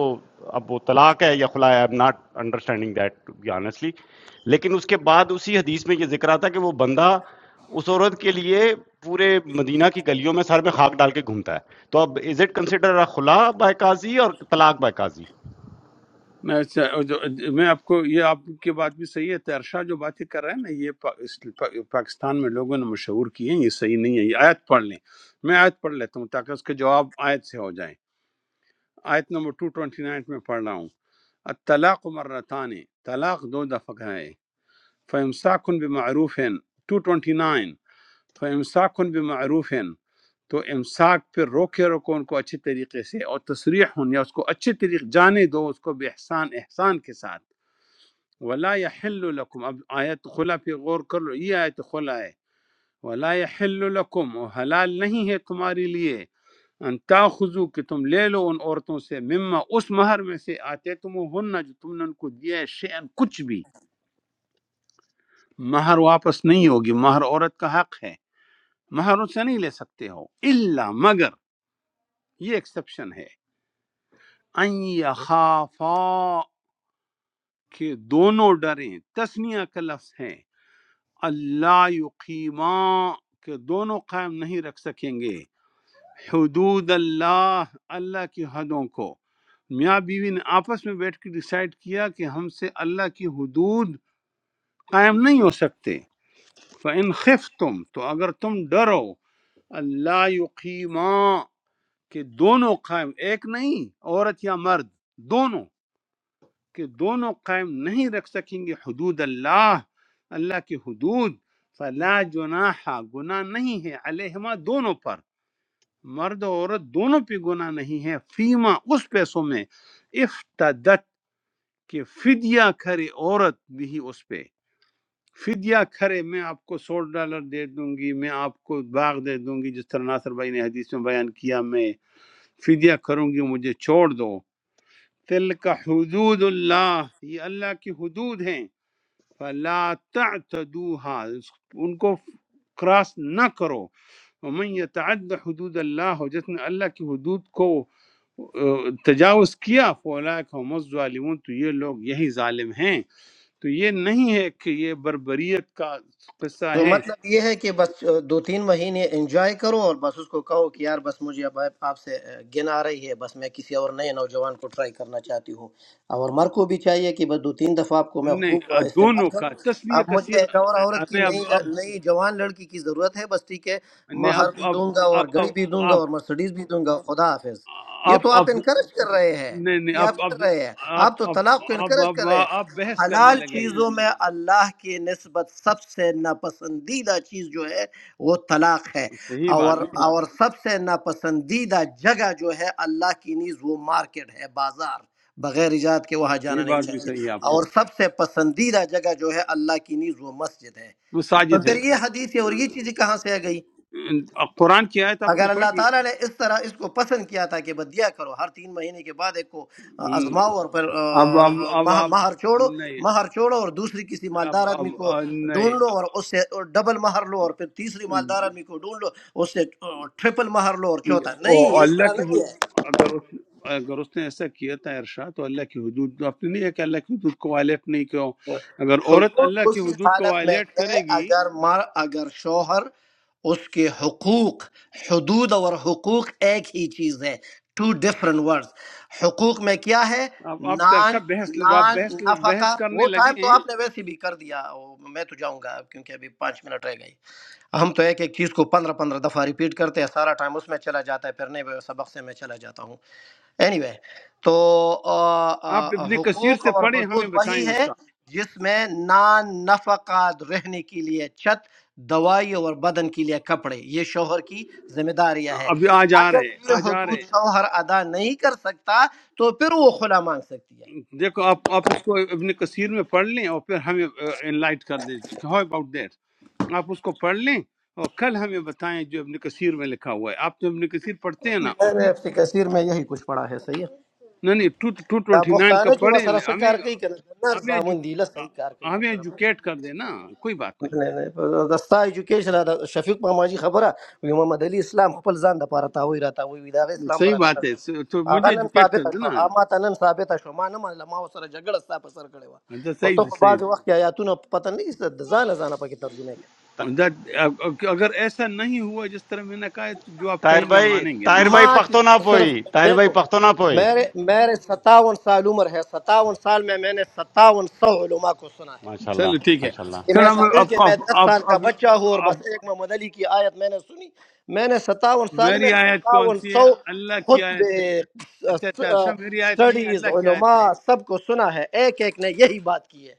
[SPEAKER 7] اب وہ طلاق ہے یا خلا ہے I am not understanding that to be honestly لیکن اس کے بعد اسی حدیث میں یہ ذکر آتا کہ وہ بندہ اس عورت کے لیے پورے مدینہ کی گلیوں میں سر میں خاک ڈال کے گھومتا ہے تو اب از اٹ کنسیڈر خلا بائی قاضی اور طلاق بائی قاضی
[SPEAKER 6] تو مطلب یہ ہے کہ بس آ، دو تین مہینے انجوائے کرو اور بس اس کو کہو کہ یار بس مجھے اب آپ آپ سے آ، گن آ رہی ہے بس میں کسی اور نئے نوجوان کو ٹرائی کرنا چاہتی ہوں اور مر کو بھی چاہیے کہ بس دو تین دفعہ آپ کو میں خوب آ، استعمال کروں اب مجھے ایک اور عورت کی نئی نئی جوان لڑکی کی ضرورت ہے بس ٹھیک ہے مہر بھی دوں گا اور گڑی بھی دوں گا اور مرسڈیز بھی دوں گا خدا حافظ یہ تو آپ انکرج کر رہے ہیں یہ آپ کر رہے ہیں آپ تو طلاق کو انکرج کر رہے ہیں حلال چیزوں میں اللہ کی نسبت سب سے ناپسندیدہ چیز جو ہے وہ طلاق ہے اور اور سب سے ناپسندیدہ جگہ جو ہے اللہ کی نیز وہ مارکیٹ ہے بازار بغیر ایجاد کے وہاں جانا نہیں چاہیے اور سب سے پسندیدہ جگہ جو ہے اللہ کی نیز وہ مسجد ہے تو پھر یہ حدیث ہے اور یہ چیزیں کہاں سے آ گئی اگر اللہ تعالیٰ نے اس طرح اس کو پسند کیا تھا کہ بدیا کرو ہر تین مہینے کے بعد ایک کو آزماؤ اور پھر آ، آ، ماہ- مہر چھوڑو مہر چھوڑو اور دوسری کسی مالدار آدمی کو ڈھونڈ لو اور اس سے ڈبل مہر لو اور پھر تیسری مالدار آدمی کو ڈھونڈ لو اس سے آ، ٹرپل مہر لو اور چوتھا نہیں اس طرح نہیں حدود اسی حالت میں ہے اگر مر اگر شوہر اس کے حقوق حدود اور حقوق ایک ہی چیز ہے ٹو ڈفرنٹ ورڈز حقوق میں کیا ہے نان نان نفقہ وہ ٹائم تو آپ نے ویسے بھی کر دیا وہ میں تو جاؤں گا اب کیونکہ ابھی پانچ منٹ رہ گئی ہم تو ایک ایک چیز کو پندرہ پندرہ دفعہ ریپیٹ کرتے ہیں سارا ٹائم اس میں چلا جاتا ہے پھرنے میں سبق سے میں چلا جاتا ہوں اینی anyway, تو آ، آ، آ، حقوق اور حدود وہی ہے جس میں نان نفقہ رہنے کے لیے چھت دوائی اور بدن کے لیے کپڑے یہ شوہر کی ذمہ داریاں ہے اگر یہ حدود شوہر ادا نہیں کر سکتا تو پھر وہ خلا مانگ سکتی ہے میں نے ابن کثیر میں یہی کچھ پڑھا ہے صحیح ہے دا پښتانه چې وسره څه کار کوي کنه د نر زامن دی له صحیح کار کوي وسره نه نه دا ستا ایجوکیشن دا شفیق ماماجي خبره وي محمد علي اسلام خپل ځان د پاره تاوي را تاوي وي دا غي اسلام براته نه دی. هغه نن ثابت شو اما ته نن ثابت شو ما نه منله ما سره جګړه ستا په سر کړې وه او ته په بعض وخت کې آیاتونه په پته نه کیسه د ځان ځان پکې ترجمه
[SPEAKER 7] طاہر بھائی طاہر
[SPEAKER 6] کې
[SPEAKER 7] بھائی
[SPEAKER 6] ما
[SPEAKER 7] پختو نہ
[SPEAKER 6] چې
[SPEAKER 7] پوئی
[SPEAKER 6] صرف
[SPEAKER 7] طاہر بھائی
[SPEAKER 6] دیکھو
[SPEAKER 7] پختو نہ پوئی
[SPEAKER 6] میرے میرے ستاون سال عمر ہے ستاون سال میں میں نے ستاون سو علماء کو سنا ہے
[SPEAKER 7] ماشاء اللہ ماشاء اللہ
[SPEAKER 6] کہ میں ایسا نہیں کہ میں دس سال کا بچہ ہوں اور بس ایک محمد علی کی آیت میں نے سنی میں نے ستاون سال میں ستاون سو خطبے سٹڈیز علماء سب کو سنا ہے ایک ایک نے یہی بات کی ہے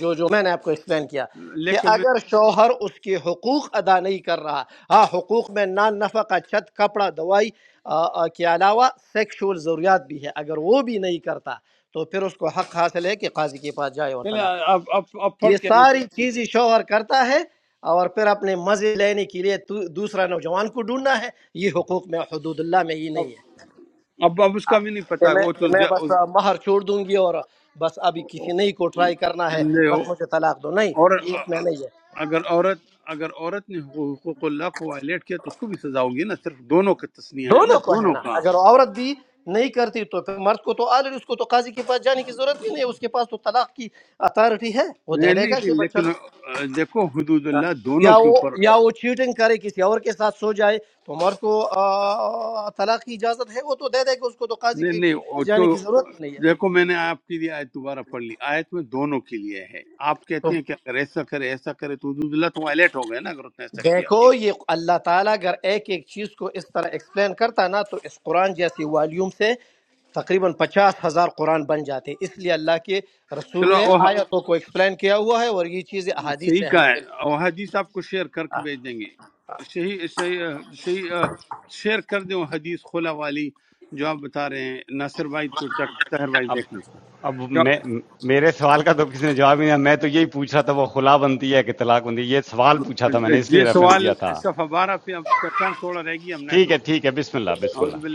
[SPEAKER 6] جو جو میں نے آپ کو ایکسپلین کیا کہ اگر شوہر اس کے حقوق ادا نہیں کر رہا ہاں حقوق میں نان نفع کا چھت کپڑا دوائی آ، آ، کے علاوہ سیکشول ضروریات بھی ہے اگر وہ بھی نہیں کرتا تو پھر اس کو حق حاصل ہے کہ قاضی کے پاس جائے اور طلاق یہ ساری چیزیں شوہر کرتا ہے اور پھر اپنے مزے لینے کے لیے تو- دوسرا نوجوان کو ڈھونڈنا ہے یہ حقوق میں حدود اللہ میں یہ نہیں ہے ہاں، کہ میں کہ میں بس آ، مہر چھوڑ دوں گی اور بس ابھی کسی نئی کو ٹرائی کرنا ہے بس مجھے طلاق دو نہیں یہ اس میں نہیں ہے دونوں کو ہے نا اگر عورت بھی نہیں کرتی تو پھر مرد کو تو آلریڈی اس کو تو قاضی کے پاس جانے کی ضرورت بھی نہیں ہے اس کے پاس تو طلاق کی اتھارٹی ہے وہ دے دے گا کہ بچہ یا وہ یا وہ چیٹنگ کرے کسی اور کے ساتھ سو جائے تو مرد کو آ، طلاق کی اجازت ہے وہ تو دے دے کہ اس کو تو قاضی کے پاس جانے کی ضرورت ہی نہیں ہے تو دیکھو یہ اللہ تعالیٰ اگر ایک ایک چیز کو اس طرح ایکسپلین کرتا نا تو اس قرآن جیسی والیوم سے تقریباً پچاس ہزار قرآن بن جاتے اس لیے اللہ کے رسول نے آیتوں کو ایکسپلین کیا ہوا ہے اور یہ چیزیں احادیث سے ہمیں ملتی ہیں
[SPEAKER 7] اب اب میں میرے سوال کا تو کسی نے جواب ہی نہیں میں تو یہی پوچھ رہا تھا وہ خلا بنتی ہے کہ طلاق بنتی ہے یہ سوال پوچھا تھا میں نے اس لیے ریفرنس دیا تھا ٹھیک ہے ٹھیک ہے بسم اللہ بسم اللہ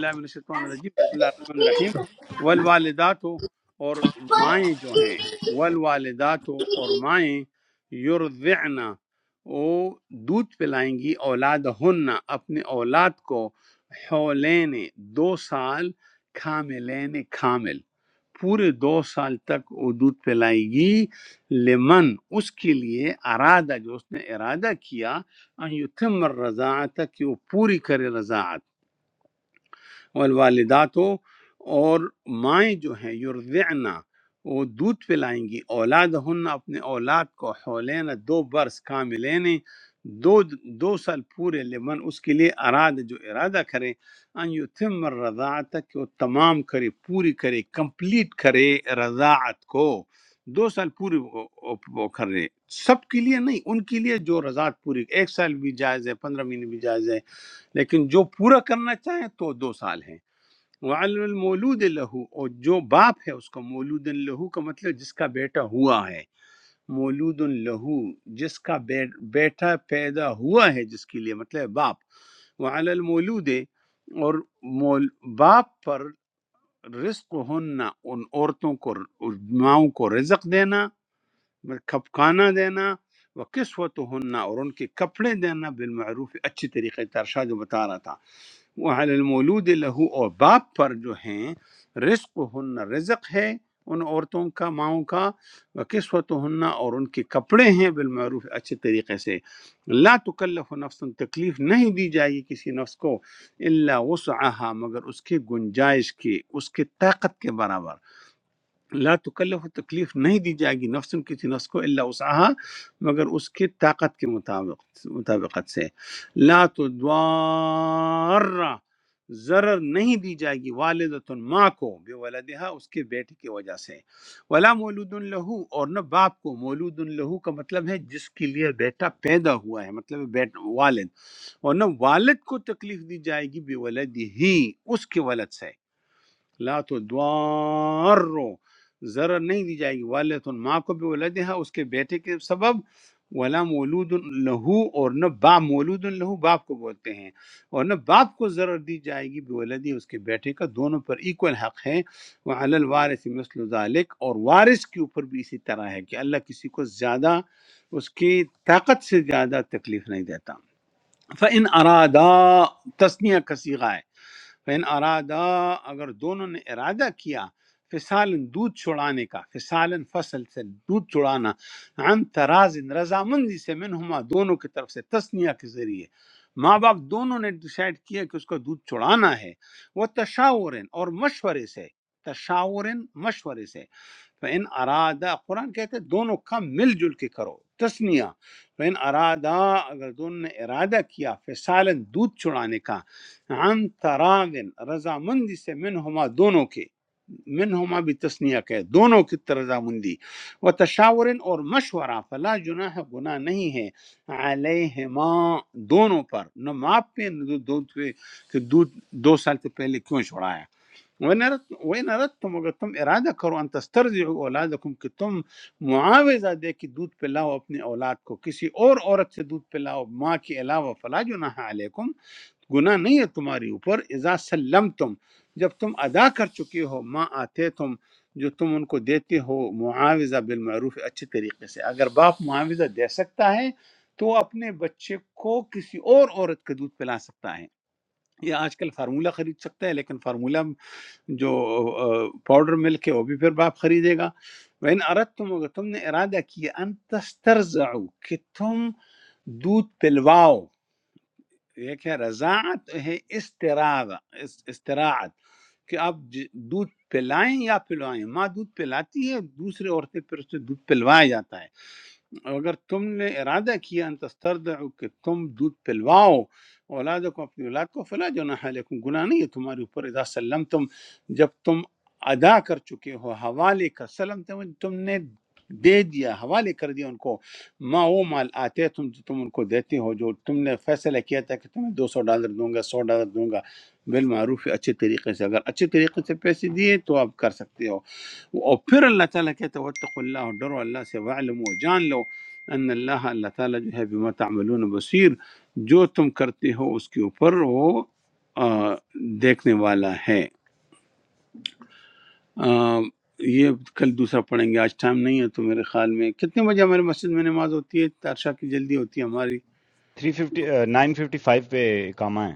[SPEAKER 7] three fifty nine fifty five پہ کام ہے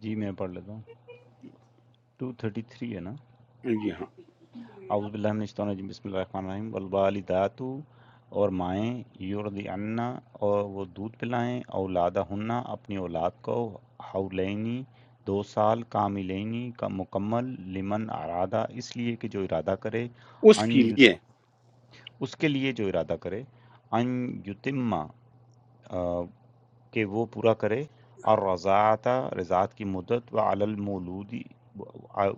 [SPEAKER 7] جی میں پڑھ لیتا ہوں 233 ہے نا اعوذ باللہ من الشیطان الرجیم بسم اللہ الرحمن الرحیم والوالدات اور مائیں یرضعن اور وہ دودھ پلائیں اولادہن اپنی اولاد کو حولینی دو سال کاملینی کا مکمل لمن ارادہ اس لیے کہ جو ارادہ کرے ان یت- اس کے لیے جو ارادہ کرے ان یتمہ آ، کہ وہ پورا کرے اور رضاعت رضاعت کی مدت و علی المولودی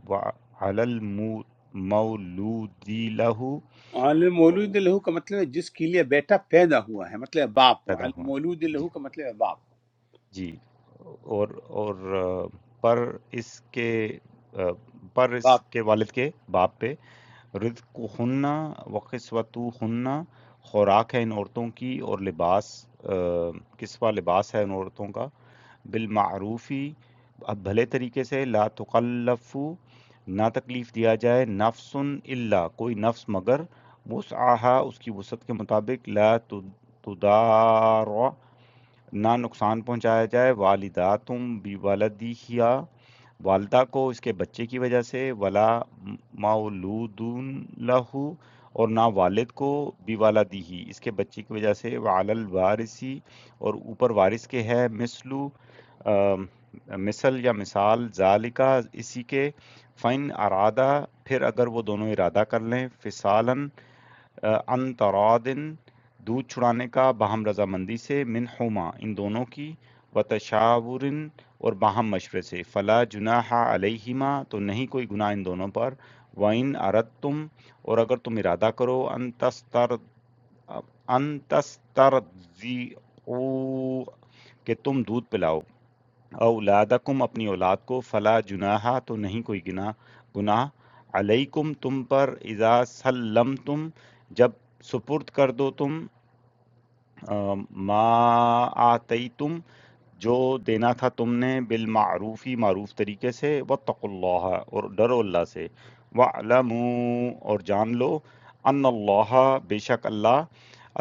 [SPEAKER 7] و علی المولودی لہو پیدا ہوا جی جی اور اور پر اس کے پر اس کے والد کے باپ پہ رزق ہننا وقصوت ہننا خوراک ہے ان عورتوں کی اور لباس کسوہ لباس ہے ان عورتوں کا بالمعروفی اب بھلے طریقے سے لا تکلف نہ تکلیف دیا جائے نفس اللہ کوئی نفس مگر وسعہ اس کی وسعت کے مطابق لا تدار نہ نقصان پہنچایا جائے والداتم بولدیہا والدہ کو اس کے بچے کی وجہ سے ولا مولودون لہو اور نہ والد کو بھی والدیہی اس کے بچے کی وجہ سے وعلی الوارثی اور اوپر وارث کے ہے مثلو آم، مثل یا مثال ذالکا اسی کے فن ارادہ پھر اگر وہ دونوں ارادہ کر لیں فسالن عن ترادن دودھ چھڑانے کا باہم رضامندی سے منہما ان دونوں کی و تشاور اور باہم مشورے سے فلا جناح علیہما تو نہیں کوئی گناہ ان دونوں پر وَإِنْ أَرَدْتُمْ اور اگر تم ارادہ کرو ان تستر ان تسترضعوا کہ تم دودھ پلاؤ اولادکم اپنی اولاد کو فلا جناح تو نہیں کوئی گناہ گناہ علیکم تم پر اذا سلمتم جب سپرد کر دو تم ما آتیتم جو دینا تھا تم نے بالمعروفی معروف طریقے سے واتقوا اللہ اور ڈرو اللہ سے وَعْلَمُوا اور جان لو ان اللہ بے شک اللہ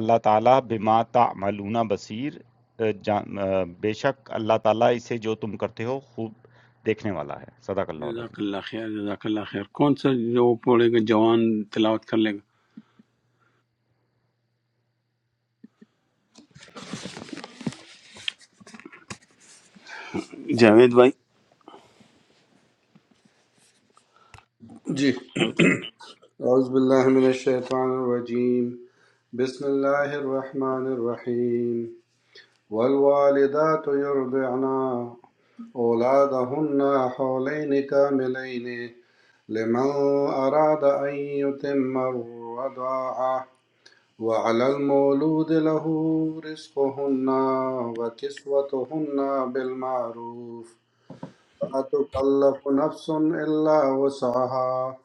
[SPEAKER 7] اللہ تعالیٰ بما تعملون بصیر اے جان- اے بے شک اللہ تعالیٰ اسے جو تم کرتے ہو خوب دیکھنے والا ہے صدق اللہ العظیم
[SPEAKER 5] جی اعوذ باللہ من الشیطان الرجیم بسم اللہ الرحمن الرحیم والوالدات یرضعن أولادهن حولين كاملين لمن أراد أن يتم الرضاعة وعلى المولود له رزقهن وكسوتهن بالمعروف لا تكلف نفس إلا وسعها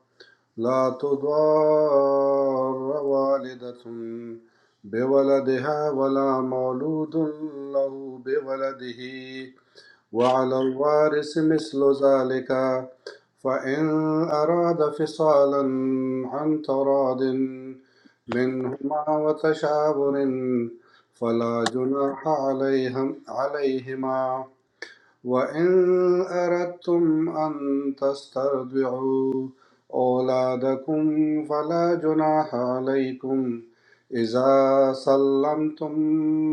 [SPEAKER 5] لا تضار والدة بولدها ولا مولود له بولده وعلى الوارث مثل ذلك فإن أراد فصالا عن تراض منهما وتشاور فلا جناح عليهم عليهما وإن أردتم أن تسترضعوا أولادكم فلا جناح عليكم إذا سلمتم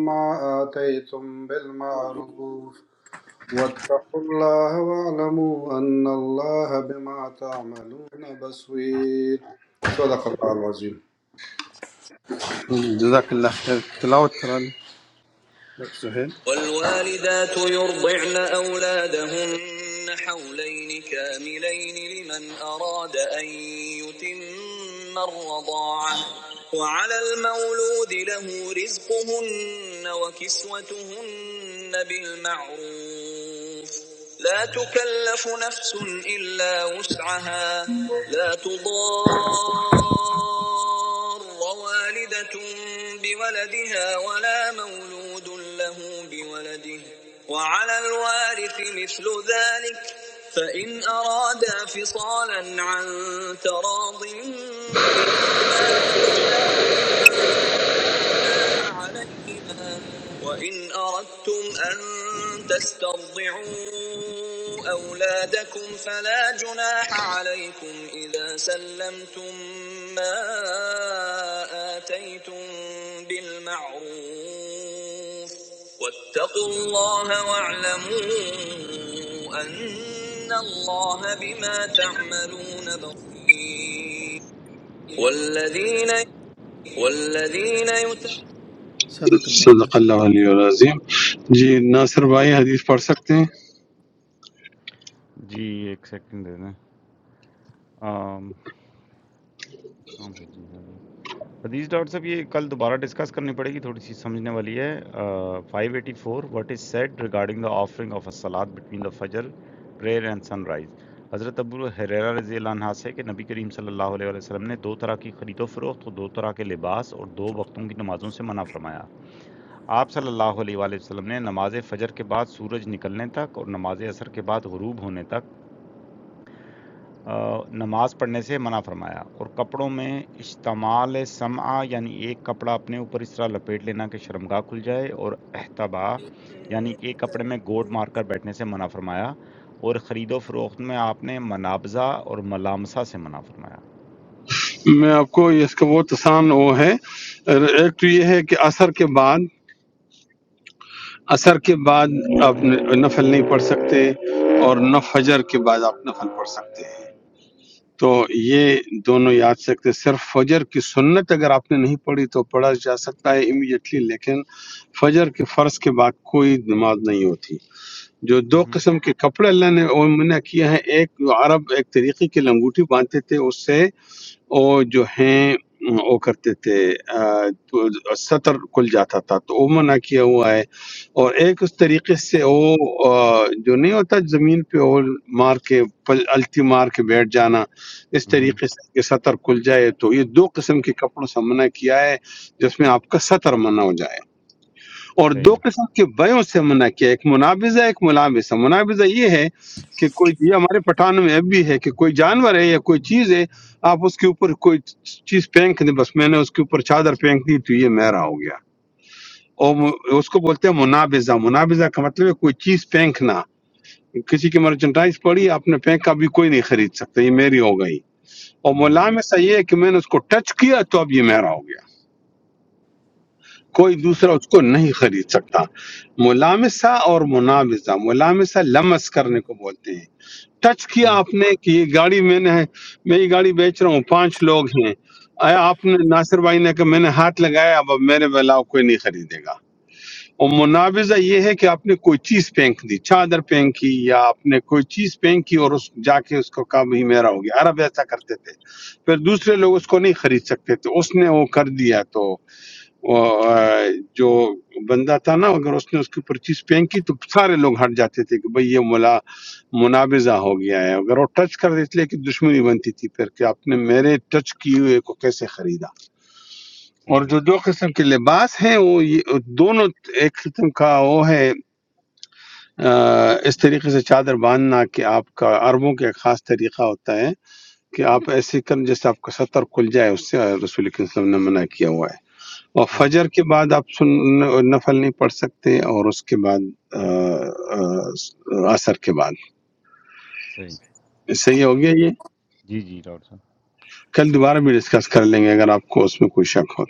[SPEAKER 5] ما آتيتم بالمعروف واتقوا الله واعلموا أن الله بما تعملون بصير صدق الله العظيم
[SPEAKER 3] والوالدات يرضعن أولادهن حولين كاملين لمن أراد أن يتم الرضاعة وعلى المولود له رزقهن وكسوتهن بالمعروف لا تكلف نفس إلا وسعها لا تضار ووالدة بولدها ولا مولود له بولده وعلى الوارث مثل ذلك فإن أرادا فصالا عن تراض منهما وتشاور فلا جناح عليهما وإن أردتم أن تسترضعوا أولادكم فلا جناح عليكم إذا سلمتم ما آتيتم بالمعروف واتقوا الله واعلموا أن الله بما تعملون بصير والذین والذین یتولون صدق اللہ العظیم
[SPEAKER 8] جی ناصر بھائی حدیث پڑھ سکتے ہیں
[SPEAKER 7] جی ایک سیکنڈ دے دیں آم، کہاں بھیجی ہے حدیث ڈاکٹر صاحب یہ کل دوبارہ ڈسکس کرنی پڑے گی تھوڑی سی سمجھنے والی ہے five eighty four what is said regarding the offering of a سلاد بٹوین دا فجر پریئر اینڈ سن رائز حضرت ابو حریرہ رضی اللہ عنہ سے کہ نبی کریم صلی اللہ علیہ وآلہ وسلم نے دو طرح کی خرید و فروخت اور دو طرح کے لباس اور دو وقتوں کی نمازوں سے منع فرمایا آپ صلی اللہ علیہ وآلہ وسلم نے نماز فجر کے بعد سورج نکلنے تک اور نماز عصر کے بعد غروب ہونے تک آ، نماز پڑھنے سے منع فرمایا اور کپڑوں میں اشتمال سمعہ یعنی ایک کپڑا اپنے اوپر اس طرح لپیٹ لینا کہ شرمگاہ کھل جائے اور احتبا یعنی ایک کپڑے میں گوٹ مار کر بیٹھنے سے منع فرمایا اور خرید و فروخت میں آپ نے منابزہ اور ملامسہ سے منع فرمایا
[SPEAKER 8] میں آپ کو اس کا وہ تسان وہ ہے ایک تو یہ ہے کہ اثر کے بعد اثر کے بعد آپ ن- نفل نہیں پڑھ سکتے اور نہ فجر کے بعد آپ نفل پڑھ سکتے ہیں تو یہ دونوں یاد سکتے ہیں۔ صرف فجر کی سنت اگر آپ نے نہیں پڑھی تو پڑھا جا سکتا ہے امیڈیٹلی لیکن فجر کے فرض کے بعد کوئی نماز نہیں ہوتی جو دو
[SPEAKER 7] مہم،
[SPEAKER 8] قسم کے کپڑے اللہ نے منع کیا ہے ایک جو عرب ایک طریقے کی لنگوٹی باندھتے تھے اس سے وہ جو ہیں وہ کرتے تھے آ، تو سطر کھل جاتا تھا تو وہ منع کیا ہوا ہے اور ایک اس طریقے سے وہ آ، جو نہیں ہوتا زمین پہ وہ مار کے پل الٹی مار کے بیٹھ جانا اس
[SPEAKER 7] مہم،
[SPEAKER 8] طریقے سے کہ سطر کھل جائے تو یہ دو قسم کے کپڑوں سے منع کیا ہے جس میں آپ کا سطر منع ہو جائے اور دو
[SPEAKER 7] صحیح
[SPEAKER 8] قسم کے بیوں سے منع کیا ایک منابضہ ایک ملابس ہے منابضہ یہ ہے کہ کوئی یہ ہمارے پٹھان میں اب بھی ہے کہ کوئی جانور ہے یا کوئی چیز ہے آپ اس کے اوپر کوئی چیز پھینک دیں بس میں نے اس کے اوپر چادر پھینک دی تو یہ میرا ہو گیا اور م- اس کو بولتے ہیں منابضہ منابضہ کا مطلب ہے کوئی چیز پھینکنا کسی کی مرچنڈائز پڑی آپ نے پھینکا بھی کوئی نہیں خرید سکتا یہ میری ہو گئی اور
[SPEAKER 7] ہم،
[SPEAKER 8] ملامسہ یہ ہے کہ میں نے اس کو ٹچ کیا تو اب یہ میرا ہو گیا کوئی
[SPEAKER 7] اچھا
[SPEAKER 8] دوسرا اس کو نہیں خرید سکتا ملامسہ اور منامسہ ملامسہ لمس کرنے کو بولتے ہیں ٹچ کیا
[SPEAKER 7] ہم،
[SPEAKER 8] آپ نے کہ یہ گاڑی میں نے ہے، میں یہ گاڑی بیچ رہا ہوں پانچ لوگ ہیں آیا آپ نے ناصر بھائی نے کہا میں نے ہاتھ لگایا اب اب میرے بلاؤ کوئی نہیں خریدے گا اور مناوضہ یہ ہے کہ آپ نے کوئی چیز پھینک دی چادر پھینکی یا آپ نے کوئی چیز پھینکی اور اس جا کے اس کو کہا بھی میرا ہو گیا عرب ایسا کرتے تھے پھر دوسرے لوگ
[SPEAKER 7] صحیح
[SPEAKER 8] اس کو نہیں خرید سکتے تو اس نے وہ کر دیا تو وہ- جو بندہ تھا نا اگر اس نے اس کے اوپر چیز پھینکی تو سارے لوگ ہٹ جاتے تھے کہ بھئی یہ ملا منابضہ ہو گیا ہے اگر وہ ٹچ کر دیتے اس لیے کہ دشمنی بنتی تھی پھر کہ آپ نے میرے ٹچ کیے ہوئے کو کیسے خریدا اور
[SPEAKER 7] صحیح
[SPEAKER 8] جو دو قسم کے لباس ہیں وہ یہ دونوں ایک قسم کا وہ ہے آ، اس طریقے سے چادر باندھنا کہ آپ کا عربوں کا ایک خاص طریقہ ہوتا ہے کہ آپ ایسے کریں جیسے آپ کا سطر کھل جائے اس سے رسول کریم صلی اللہ علیہ وسلم نے منع کیا ہوا ہے اور
[SPEAKER 7] ہم،
[SPEAKER 8] فجر کے بعد آپ سن نفل نہیں پڑھ سکتے اور اس کے بعد آ، آ، عصر کے بعد
[SPEAKER 7] صحیح
[SPEAKER 8] صحیح ہو گیا یہ
[SPEAKER 7] جی جی ڈاکٹر صاحب
[SPEAKER 8] کل دوبارہ بھی ڈسکس کر لیں گے اگر آپ کو اس میں کوئی شک ہو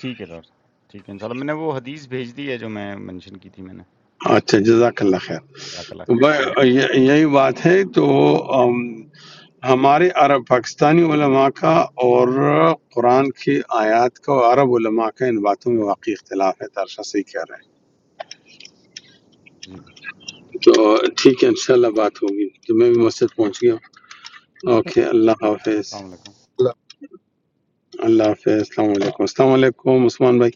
[SPEAKER 7] ٹھیک ہے ڈاکٹر صاحب ٹھیک ہے انشاءاللہ میں نے وہ حدیث بھیج دی ہے جو میں منشن کی تھی میں نے
[SPEAKER 8] تو اچھا جزاک اللہ خیر
[SPEAKER 7] جزاک اللہ خیر
[SPEAKER 8] ب- یہ- یہی بات ہے تو آم، ہمارے عرب پاکستانی علماء کا اور قرآن کی آیات کا اور عرب علماء کا ان باتوں میں واقعی اختلاف ہے ترشا صحیح کہہ رہے ہیں
[SPEAKER 7] جی
[SPEAKER 8] تو ٹھیک ہے انشاءاللہ بات ہوگی تو میں بھی مسجد پہنچ گیا اوکے اللہ حافظ
[SPEAKER 7] السلام علیکم
[SPEAKER 8] আল্লাহ হাফেজ আসসালামু আলাইকুম আসসালামু আলাইকুম ওসমান ভাই